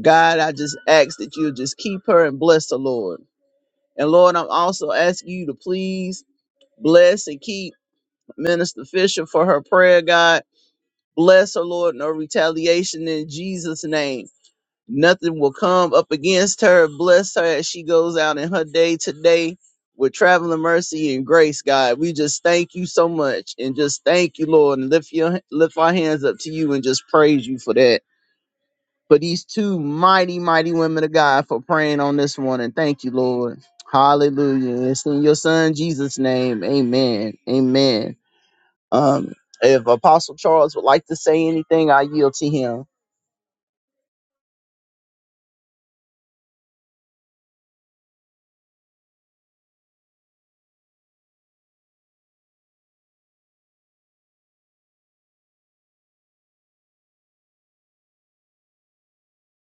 C: God, I just ask that you'll just keep her and bless the Lord. And Lord, I'm also asking you to please bless and keep Minister Fisher for her prayer, God. Bless her, Lord, no retaliation in Jesus' name nothing will come up against her. Bless her as she goes out in her day today with traveling mercy and grace, God. We just thank you so much and just thank you, Lord, and lift your lift our hands up to you and just praise you for that. For these two mighty, mighty women of God for praying on this morning. thank you, Lord. Hallelujah. It's in your son Jesus' name. Amen. Amen. Um, if Apostle Charles would like to say anything, I yield to him.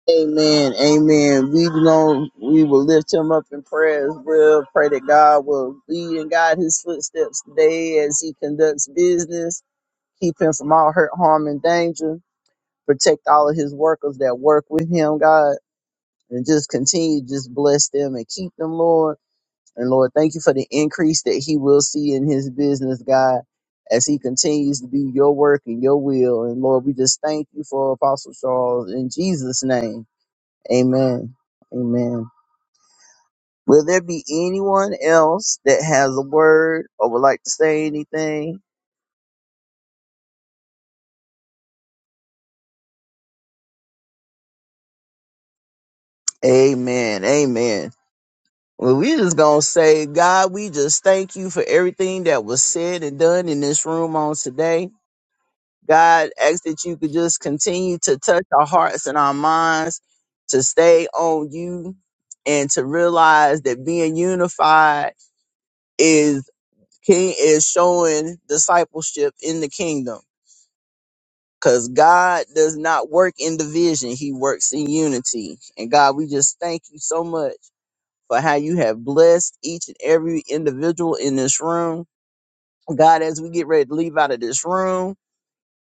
C: Amen. Amen. We know we will lift him up in prayer as well. Pray that God will lead and guide his footsteps today as he conducts business. Keep him from all hurt, harm, and danger. protect all of his workers that work with him, God, and just continue to just bless them and keep them, Lord. And Lord, thank you for the increase that he will see in his business, God, as he continues to do your work and your will. And Lord, we just thank you for Apostle Charles in Jesus' name. Amen. Amen. Will there be anyone else that has a word or would like to say anything? Amen. Amen. Well, we just gonna say, God, we just thank you for everything that was said and done in this room on today. God, ask that you could just continue to touch our hearts and our minds to stay on you and to realize that being unified is king is showing discipleship in the kingdom. Cause God does not work in division; He works in unity. And God, we just thank you so much for how you have blessed each and every individual in this room. God, as we get ready to leave out of this room,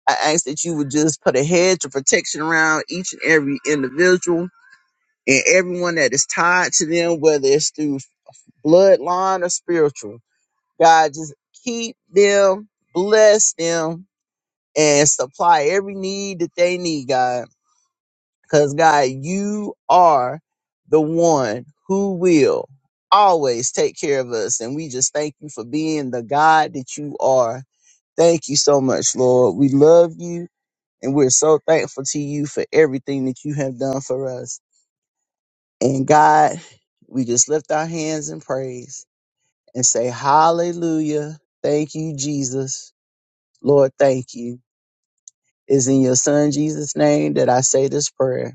C: I ask that you would just put a hedge of protection around each and every individual and everyone that is tied to them, whether it's through bloodline or spiritual. God, just keep them, bless them, and supply every need that they need, God. Because God, you are the one who will always take care of us. And we just thank you for being the God that you are. Thank you so much, Lord. We love you and we're so thankful to you for everything that you have done for us. And God, we just lift our hands in praise and say, Hallelujah. Thank you, Jesus. Lord, thank you. It's in your son Jesus' name that I say this prayer.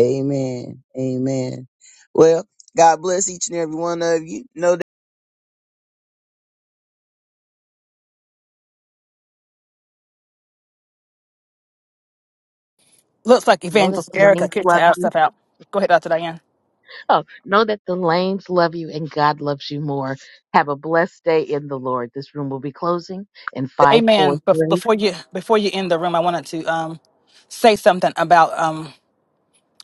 C: Amen. Amen. Well, God bless each and every one of you. Know that
B: Looks like
E: Know that
B: Evangelist
E: the
B: Erica
E: lanes
B: kicked her
E: love
B: ass
E: you.
B: stuff out. Go ahead, Dr. Diane.
E: Oh, know that the lanes love you and God loves you more. Have a blessed day in the Lord. This room will be closing in five, four,
B: Amen. Bef-
E: three.
B: before you before you end the room, I wanted to um, say something about.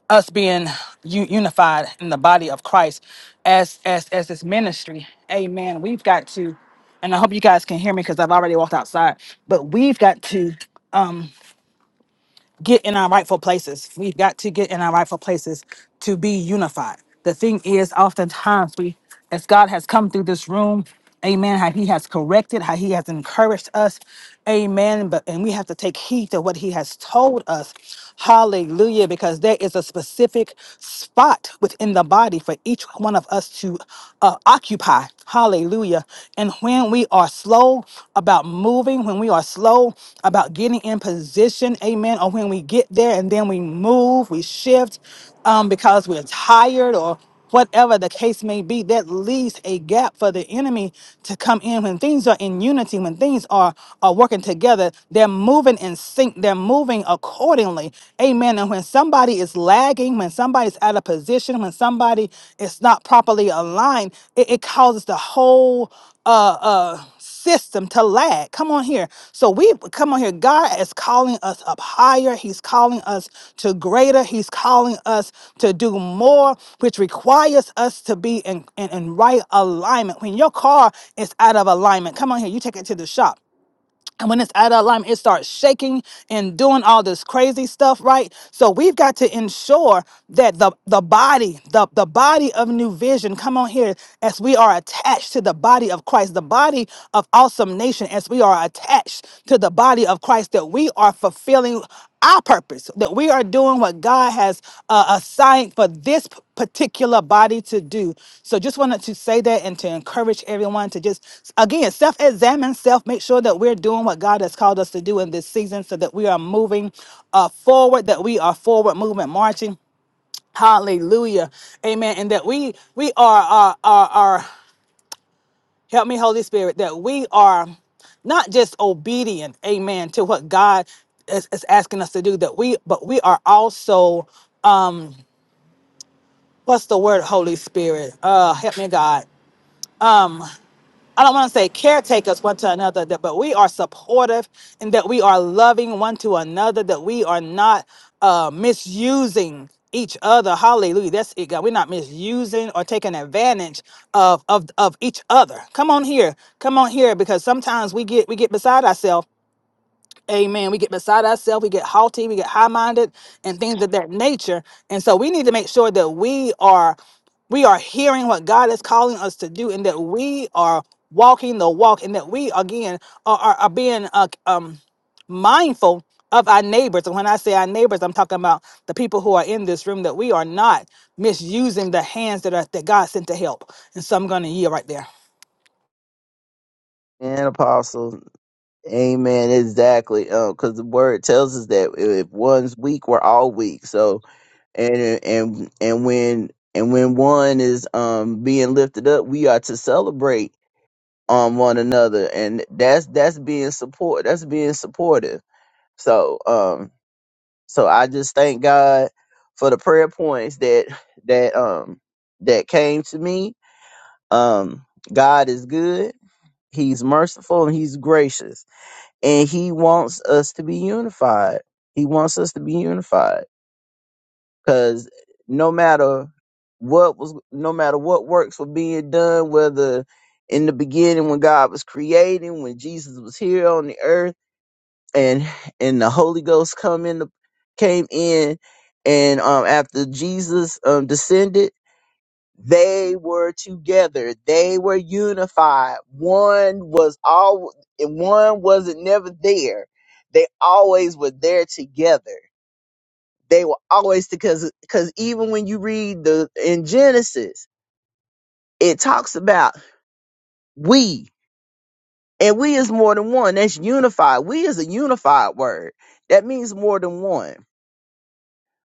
B: us being u- unified in the body of Christ as as as this ministry. Amen. We've got to, and I hope you guys can hear me because I've already walked outside. But we've got to. um, get in our rightful places. We've got to get in our rightful places to be unified. The thing is, oftentimes we, as God has come through this room, Amen. How He has corrected, how He has encouraged us, Amen. But and we have to take heed to what He has told us, Hallelujah, because there is a specific spot within the body for each one of us to uh, occupy, Hallelujah. And when we are slow about moving, when we are slow about getting in position, amen, or when we get there and then we move, we shift um, because we're tired or whatever the case may be, that leaves a gap for the enemy to come in. When things are in unity, when things are, are working together, they're moving in sync, they're moving accordingly. Amen. And when somebody is lacking, lagging, when somebody's out of position, when somebody is not properly aligned, it, it causes the whole uh, uh, system to lag. Come on here. So we come on here. God is calling us up higher. He's calling us to greater. He's calling us to do more, which requires us to be in, in, in right alignment. When your car is out of alignment, come on here. You take it to the shop. And when it's out of alignment, it starts shaking and doing all this crazy stuff, right? So we've got to ensure that the, the body, the, the body of new vision, come on here, as we are attached to the body of Christ, the body of awesome nation, as we are attached to the body of Christ, that we are fulfilling our purpose, that we are doing what God has uh, assigned for this p- particular body to do. So, just wanted to say that and to encourage everyone to just, again, self examine self, make sure that we're doing what God has called us to do in this season so that we are moving uh, forward, that we are forward movement marching. Hallelujah. Amen. And that we we are are are, are Help me, Holy Spirit, that we are not just obedient, amen, to what God is, is asking us to do, that we but we are also, what's the word, Holy Spirit? Uh help me God. I don't want to say caretakers one to another, that- but we are supportive and that we are loving one to another, that we are not uh, misusing each other. Hallelujah. That's it, God. We're not misusing or taking advantage of, of, of each other. Come on here. Come on here, because sometimes we get we get beside ourselves Amen. We get beside ourselves, we get haughty, we get high minded, and things of that nature. And so we need to make sure that we are we are hearing what God is calling us to do, and that we are walking the walk, and that we again are, are, are being uh, um mindful of our neighbors. And when I say our neighbors, I'm talking about the people who are in this room. That we are not misusing the hands that are that God sent to help. And so I'm going to yield right there.
C: and apostle. Amen. Exactly. Uh, Because the word tells us that if one's weak, we're all weak. So and and and when and when one is um being lifted up, we are to celebrate um one another, and that's that's being support. That's being supportive. So um so I just thank God for the prayer points that that um that came to me um god is good he's merciful and he's gracious and he wants us to be unified he wants us to be unified because no matter what was no matter what works were being done whether in the beginning when god was creating when jesus was here on the earth and and the holy ghost come in the, came in and um after jesus um descended they were together they were unified one was all and one wasn't never there they always were there together they were always because because even when you read the in genesis it talks about we and we is more than one that's unified we is a unified word that means more than one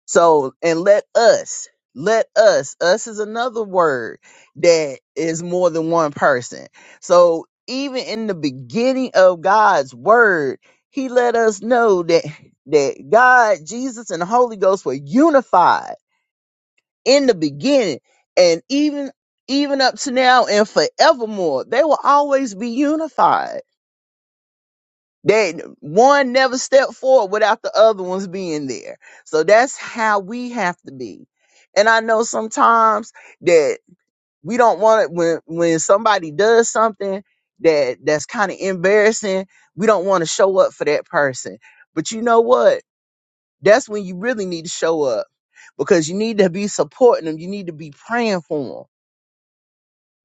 C: So, and let us, let us, us is another word that is more than one person. So, even in the beginning of God's word, he let us know that that God, Jesus and the Holy Ghost were unified in the beginning and even even up to now and forevermore. They will always be unified they one never stepped forward without the other ones being there. So that's how we have to be. And I know sometimes that we don't want it when when somebody does something that that's kind of embarrassing, we don't want to show up for that person. But you know what? That's when you really need to show up because you need to be supporting them. You need to be praying for them.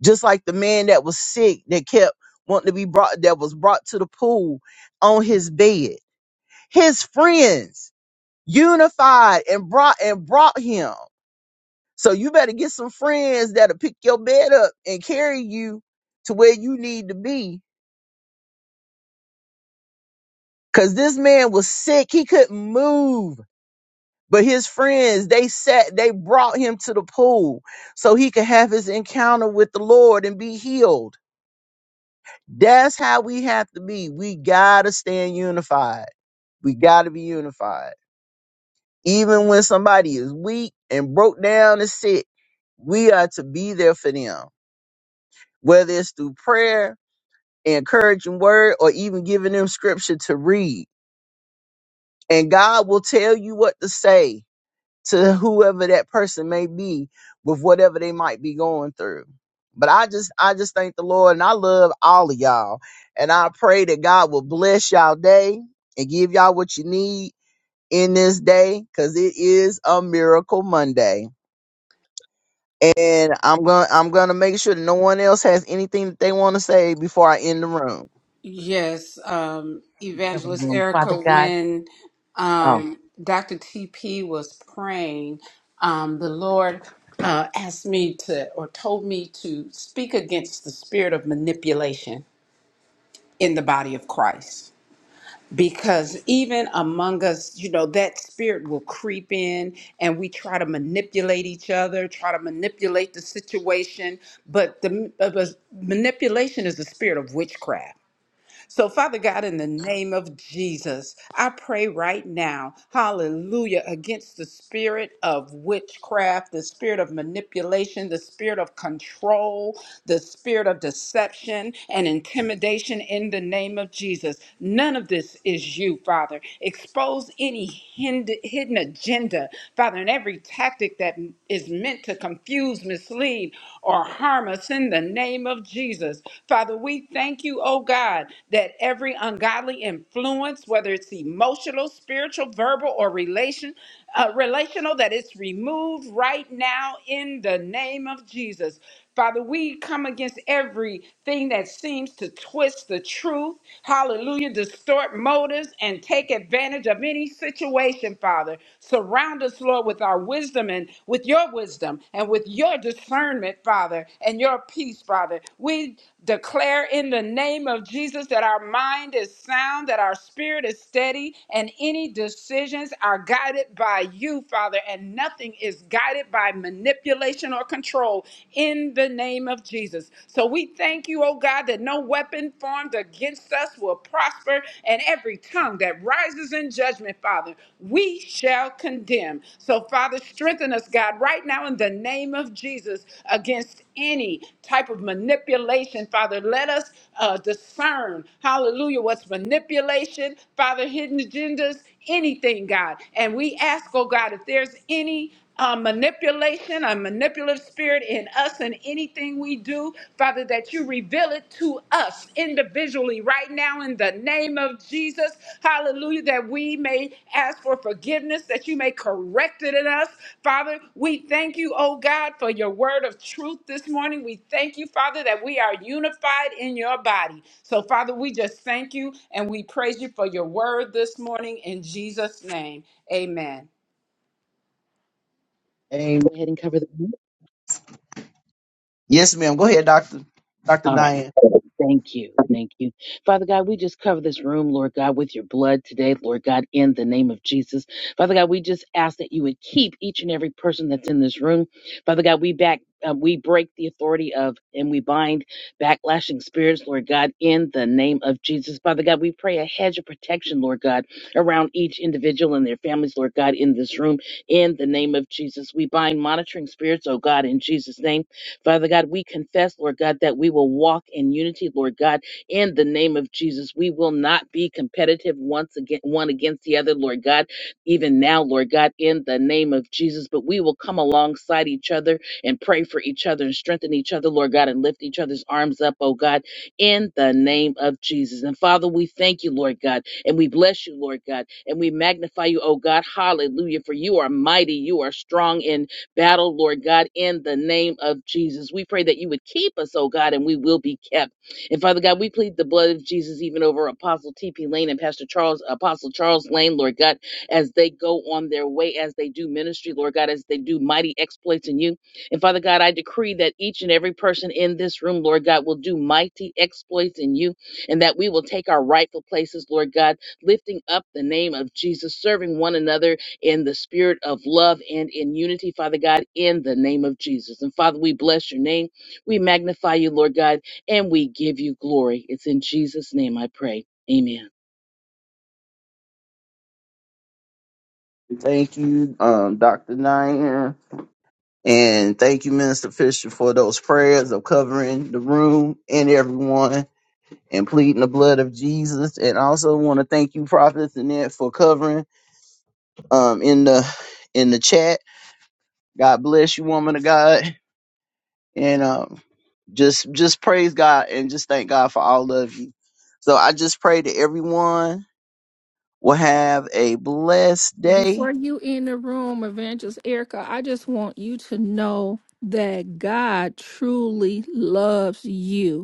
C: Just like the man that was sick that kept wanting to be brought that was brought to the pool on his bed his friends unified and brought and brought him. So you better get some friends that'll pick your bed up and carry you to where you need to be. Cause this man was sick. He couldn't move. But his friends, they sat, they brought him to the pool so he could have his encounter with the Lord and be healed. That's how we have to be. We gotta stand unified. We gotta be unified. Even when somebody is weak and broke down and sick, we are to be there for them, whether it's through prayer, encouraging word, or even giving them scripture to read. And God will tell you what to say to whoever that person may be with whatever they might be going through. But I just I just thank the Lord and I love all of y'all. And I pray that God will bless y'all day and give y'all what you need in this day because it is a miracle Monday. and I'm going to I'm going to make sure that no one else has anything that they want to say before I end the room.
D: Yes, um,
E: Cover the
D: Evangelist
E: room. Father
D: Erica,
E: God.
D: when
E: Oh,
D: um, Dr. TP was praying, um, the Lord uh, asked me to, or told me to speak against the spirit of manipulation in the body of Christ. Because even among us, you know, that spirit will creep in and we try to manipulate each other, try to manipulate the situation. But the uh, but manipulation is the spirit of witchcraft so, Father God, in the name of Jesus, I pray right now, hallelujah, against the spirit of witchcraft, the spirit of manipulation, the spirit of control, the spirit of deception and intimidation in the name of Jesus. None of this is you, Father. Expose any hind- hidden agenda, Father, and every tactic that is meant to confuse, mislead, or harm us in the name of Jesus. Father, we thank you, oh God, that every ungodly influence, whether it's emotional, spiritual, verbal, or relation, uh, relational, that it's removed right now in the name of Jesus. Father, we come against everything that seems to twist the truth, hallelujah, distort motives, and take advantage of any situation, Father. Surround us, Lord, with our wisdom and with your wisdom and with your discernment, Father, and your peace, Father. We declare in the name of Jesus that our mind is sound, that our spirit is steady, and any decisions are guided by you, Father, and nothing is guided by manipulation manipulation or control in the name of Jesus. So we thank you, oh God, that no weapon formed against us will prosper, and every tongue that rises in judgment, Father, we shall condemn. So, Father, strengthen us, God, right now in the name of Jesus against any type of manipulation, Father. Let us uh, discern, hallelujah, what's manipulation, Father, hidden agendas, anything, God. And we ask, oh God, if there's any uh, manipulation, a manipulative spirit in us and anything we do, Father, that you reveal it to us individually right now in the name of Jesus. Hallelujah, that we may ask for forgiveness, that you may correct it in us. Father, we thank you, oh God, for your word of truth this morning. We thank you, Father, that we are unified in your body. So, Father, we just thank you and we praise you for your word this morning in Jesus' name. Amen.
C: And
E: go ahead and cover the room.
C: yes, ma'am. Go ahead, Doctor Doctor
E: All right.
C: Diane.
E: Thank you. Thank you. Father God, we just cover this room, Lord God, with your blood today, Lord God, in the name of Jesus. Father God, we just ask that you would keep each and every person that's in this room. Father God, we back. Uh, we break the authority of and we bind backlashing spirits, Lord God, in the name of Jesus. Father God, we pray a hedge of protection, Lord God, around each individual and their families, Lord God, in this room, in the name of Jesus. We bind monitoring spirits, oh God, in Jesus' name. Father God, we confess, Lord God, that we will walk in unity, Lord God, in the name of Jesus. We will not be competitive once again, one against the other, Lord God, even now, Lord God, in the name of Jesus. But we will come alongside each other and pray for each other and strengthen each other, Lord God, and lift each other's arms up, oh God, in the name of Jesus. And Father, we thank you, Lord God, and we bless you, Lord God, and we magnify you, oh God. Hallelujah. For you are mighty, you are strong, and battle, Lord God, in the name of Jesus. We pray that you would keep us, oh God, and we will be kept. And Father God, we plead the blood of Jesus even over Apostle T.P. Lane and Pastor Charles, Apostle Charles Lane, Lord God, as they go on their way, as they do ministry, Lord God, as they do mighty exploits in you. And Father God, I decree that each and every person in this room, Lord God, will do mighty exploits in you and that we will take our rightful places, Lord God, lifting up the name of Jesus, serving one another in the spirit of love and in unity, Father God, in the name of Jesus. And Father, we bless your name. We magnify you, Lord God, and we give you glory. It's in Jesus' name I pray. Amen.
C: Thank you, um, Doctor Diane, and thank you, Minister Fisher, for those prayers of covering the room and everyone and pleading the blood of Jesus. And I also want to thank you, Prophet Annette, for covering um in the in the chat. God bless you, woman of God. and um, just just praise God and just thank God for all of you. So I just pray that everyone will have a blessed
F: before
C: day.
F: you in the room, Evangelist Erica, I just want you to know that God truly loves you.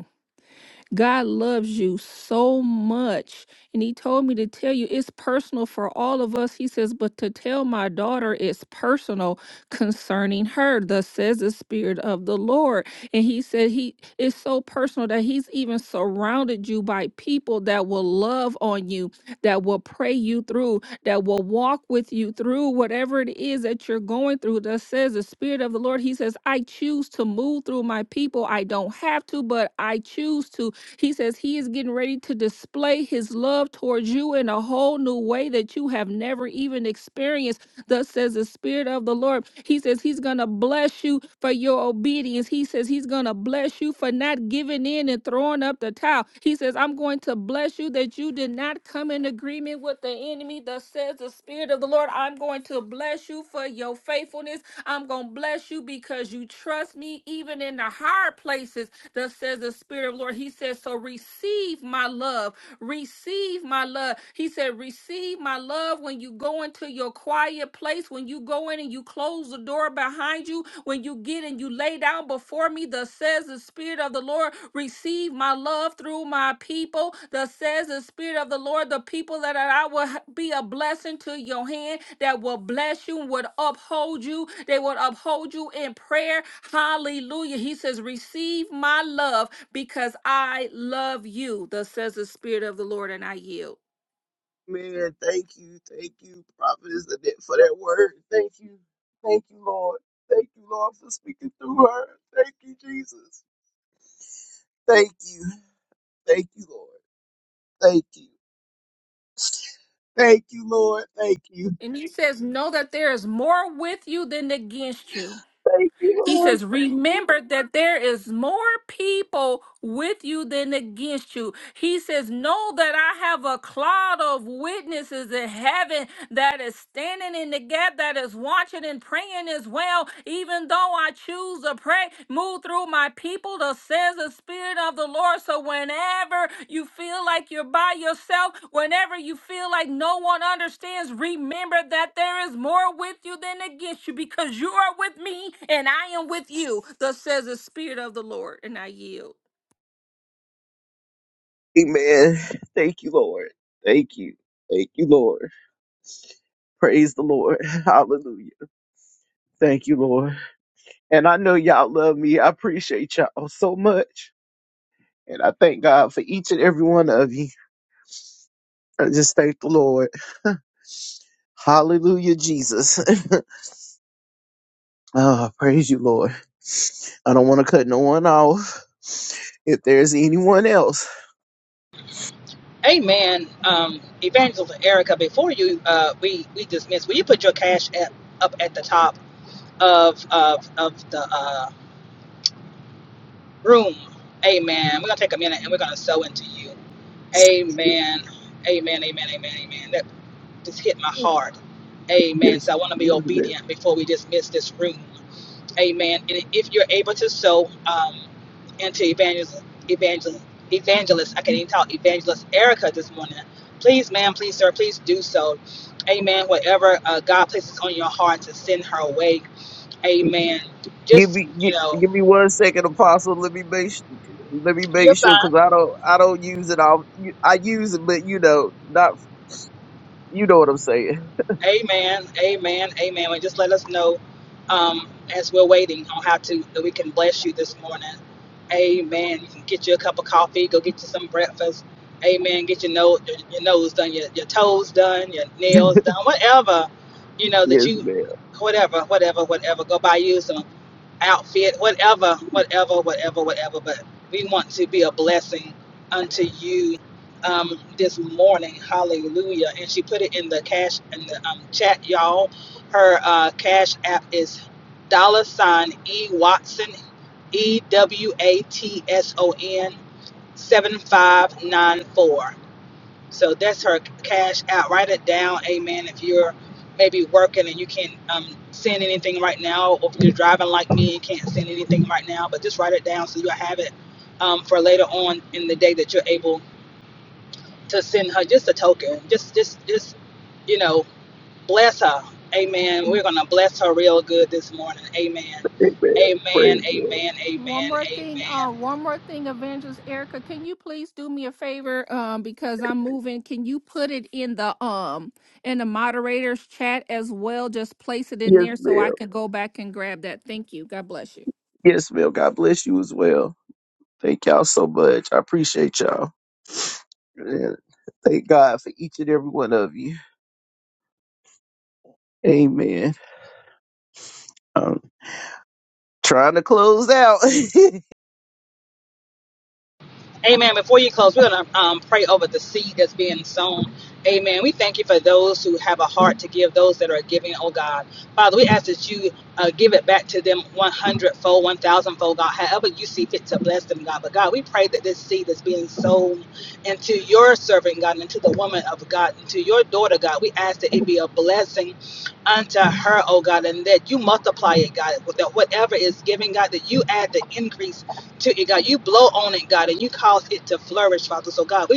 F: God loves you so much. And he told me to tell you it's personal for all of us. He says, but to tell my daughter it's personal concerning her. Thus says the Spirit of the Lord. And he said he it's so personal that he's even surrounded you by people that will love on you, that will pray you through, that will walk with you through whatever it is that you're going through. Thus says the Spirit of the Lord. He says, I choose to move through my people. I don't have to, but I choose to he says he is getting ready to display his love towards you in a whole new way that you have never even experienced. Thus says the Spirit of the Lord. He says he's going to bless you for your obedience. He says he's going to bless you for not giving in and throwing up the towel. He says, I'm going to bless you that you did not come in agreement with the enemy. Thus says the Spirit of the Lord. I'm going to bless you for your faithfulness. I'm going to bless you because you trust me even in the hard places. Thus says the Spirit of the Lord. He says, So receive my love. Receive my love. He said, Receive my love when you go into your quiet place, when you go in and you close the door behind you, when you get and you lay down before me. Thus says the Spirit of the Lord. Receive my love through my people. Thus says the Spirit of the Lord, the people that are- I will be a blessing to your hand, that will bless you, would uphold you. They would uphold you in prayer. Hallelujah. He says, Receive my love because I love you. Thus says the Spirit of the Lord, and I yield.
C: Man, thank you, thank you, prophetess, Annette, for that word. Thank you, thank you, Lord. Thank you, Lord, for speaking through her. Thank you, Jesus. Thank you, thank you, Lord. Thank you, thank you, Lord. Thank you,
F: And he says, Know that there is more with you than against you.
C: thank you,
F: He
C: Lord.
F: says, Remember that there is more people with you than against you. He says, Know that I have a cloud of witnesses in heaven that is standing in the gap, that is watching and praying as well. Even though I choose to pray, move through through my people, thus says the Spirit of the Lord. So whenever you feel like you're by yourself, whenever you feel like no one understands, remember that there is more with you than against you because you are with me and I am with you, thus says the Spirit of the Lord. And I yield.
C: Amen. Thank you, Lord. Thank you, thank you, Lord. Praise the Lord. *laughs* Hallelujah. Thank you, Lord. And I know y'all love me. I appreciate y'all so much. And I thank God for each and every one of you. I just thank the Lord. Hallelujah, Jesus. *laughs* oh, praise you, Lord. I don't want to cut no one off. If there's anyone else,
B: Amen. Um, Evangelist Erica, before you uh, we we dismiss, will you put your cash app up at the top of of, of the uh, room? Amen. We're gonna take a minute and we're gonna sow into you. Amen. Amen. Amen. Amen. Amen. That just hit my heart.
C: yes,
B: Amen. So I want to be
C: yes,
B: obedient before we dismiss this room. Amen. And if you're able to sow um, into evangelist, evangelist, evangelist, I can't even talk, evangelist Erica this morning, please, ma'am, please, sir, please do so. Amen. Whatever uh, God places on your heart to send her away.
C: yes.
B: Amen.
C: give
B: Just,
C: me
B: you
C: gi-
B: know,
C: give me one second, Apostle. Let me make su- let me
B: you're
C: make sure because I don't I don't use it all. I use it, but you know not you know what I'm saying.
B: Amen. Amen. Amen. And just let us know um, as we're waiting on how to that we can bless you this morning. Amen. You can get you a cup of coffee, go get you some breakfast. Amen. Get your nose your your nose done, your, your toes done, your nails done, whatever, you
C: *laughs*
B: know, that you
C: yes,
B: whatever, whatever, whatever. Go buy you some outfit, whatever, whatever, whatever, whatever. But we want to be a blessing unto you um, this morning. Hallelujah. And she put it in the cash in the um, chat, y'all. Her uh, cash app is dollar sign E Watson E W A T S O N seven five nine four. So that's her cash out. Write it down. Amen. If you're maybe working and you can't um, send anything right now, or if you're driving like me and can't send anything right now, but just write it down so you'll have it um, for later on in the day that you're able to send her just a token. Just, just, just, you know, bless her. Amen. We're going to bless her real good this morning. Amen.
C: Amen.
B: Amen.
C: Praise you.
B: Amen.
F: One
B: Amen.
F: more
B: Amen.
F: thing, uh, one more thing, Evangelist Erica, can you please do me a favor? Um, because I'm moving, can you put it in the um in the moderator's chat as well? Just place it in
C: Yes,
F: there so I
C: ma'am.
F: can go back and grab that. Thank you. God bless you.
C: Yes, ma'am. God bless you as well. Thank y'all so much. I appreciate y'all. And thank God for each and every one of you. Amen. I'm trying to close out. *laughs*
B: Amen. Before you close, we're going to um, pray over the seed that's being sown. Amen. We thank you for those who have a heart to give, those that are giving, oh God. Father, we ask that you uh, give it back to them 100 fold, 1,000 fold, God, however you see fit to bless them, God. But God, we pray that this seed that's being sown into your servant, God, into the woman of God, into your daughter, God, we ask that it be a blessing unto her, oh God, and that you multiply it, God, that whatever is given, God, that you add the increase to it, God. You blow on it, God, and you cause it to flourish, Father. So, God, we.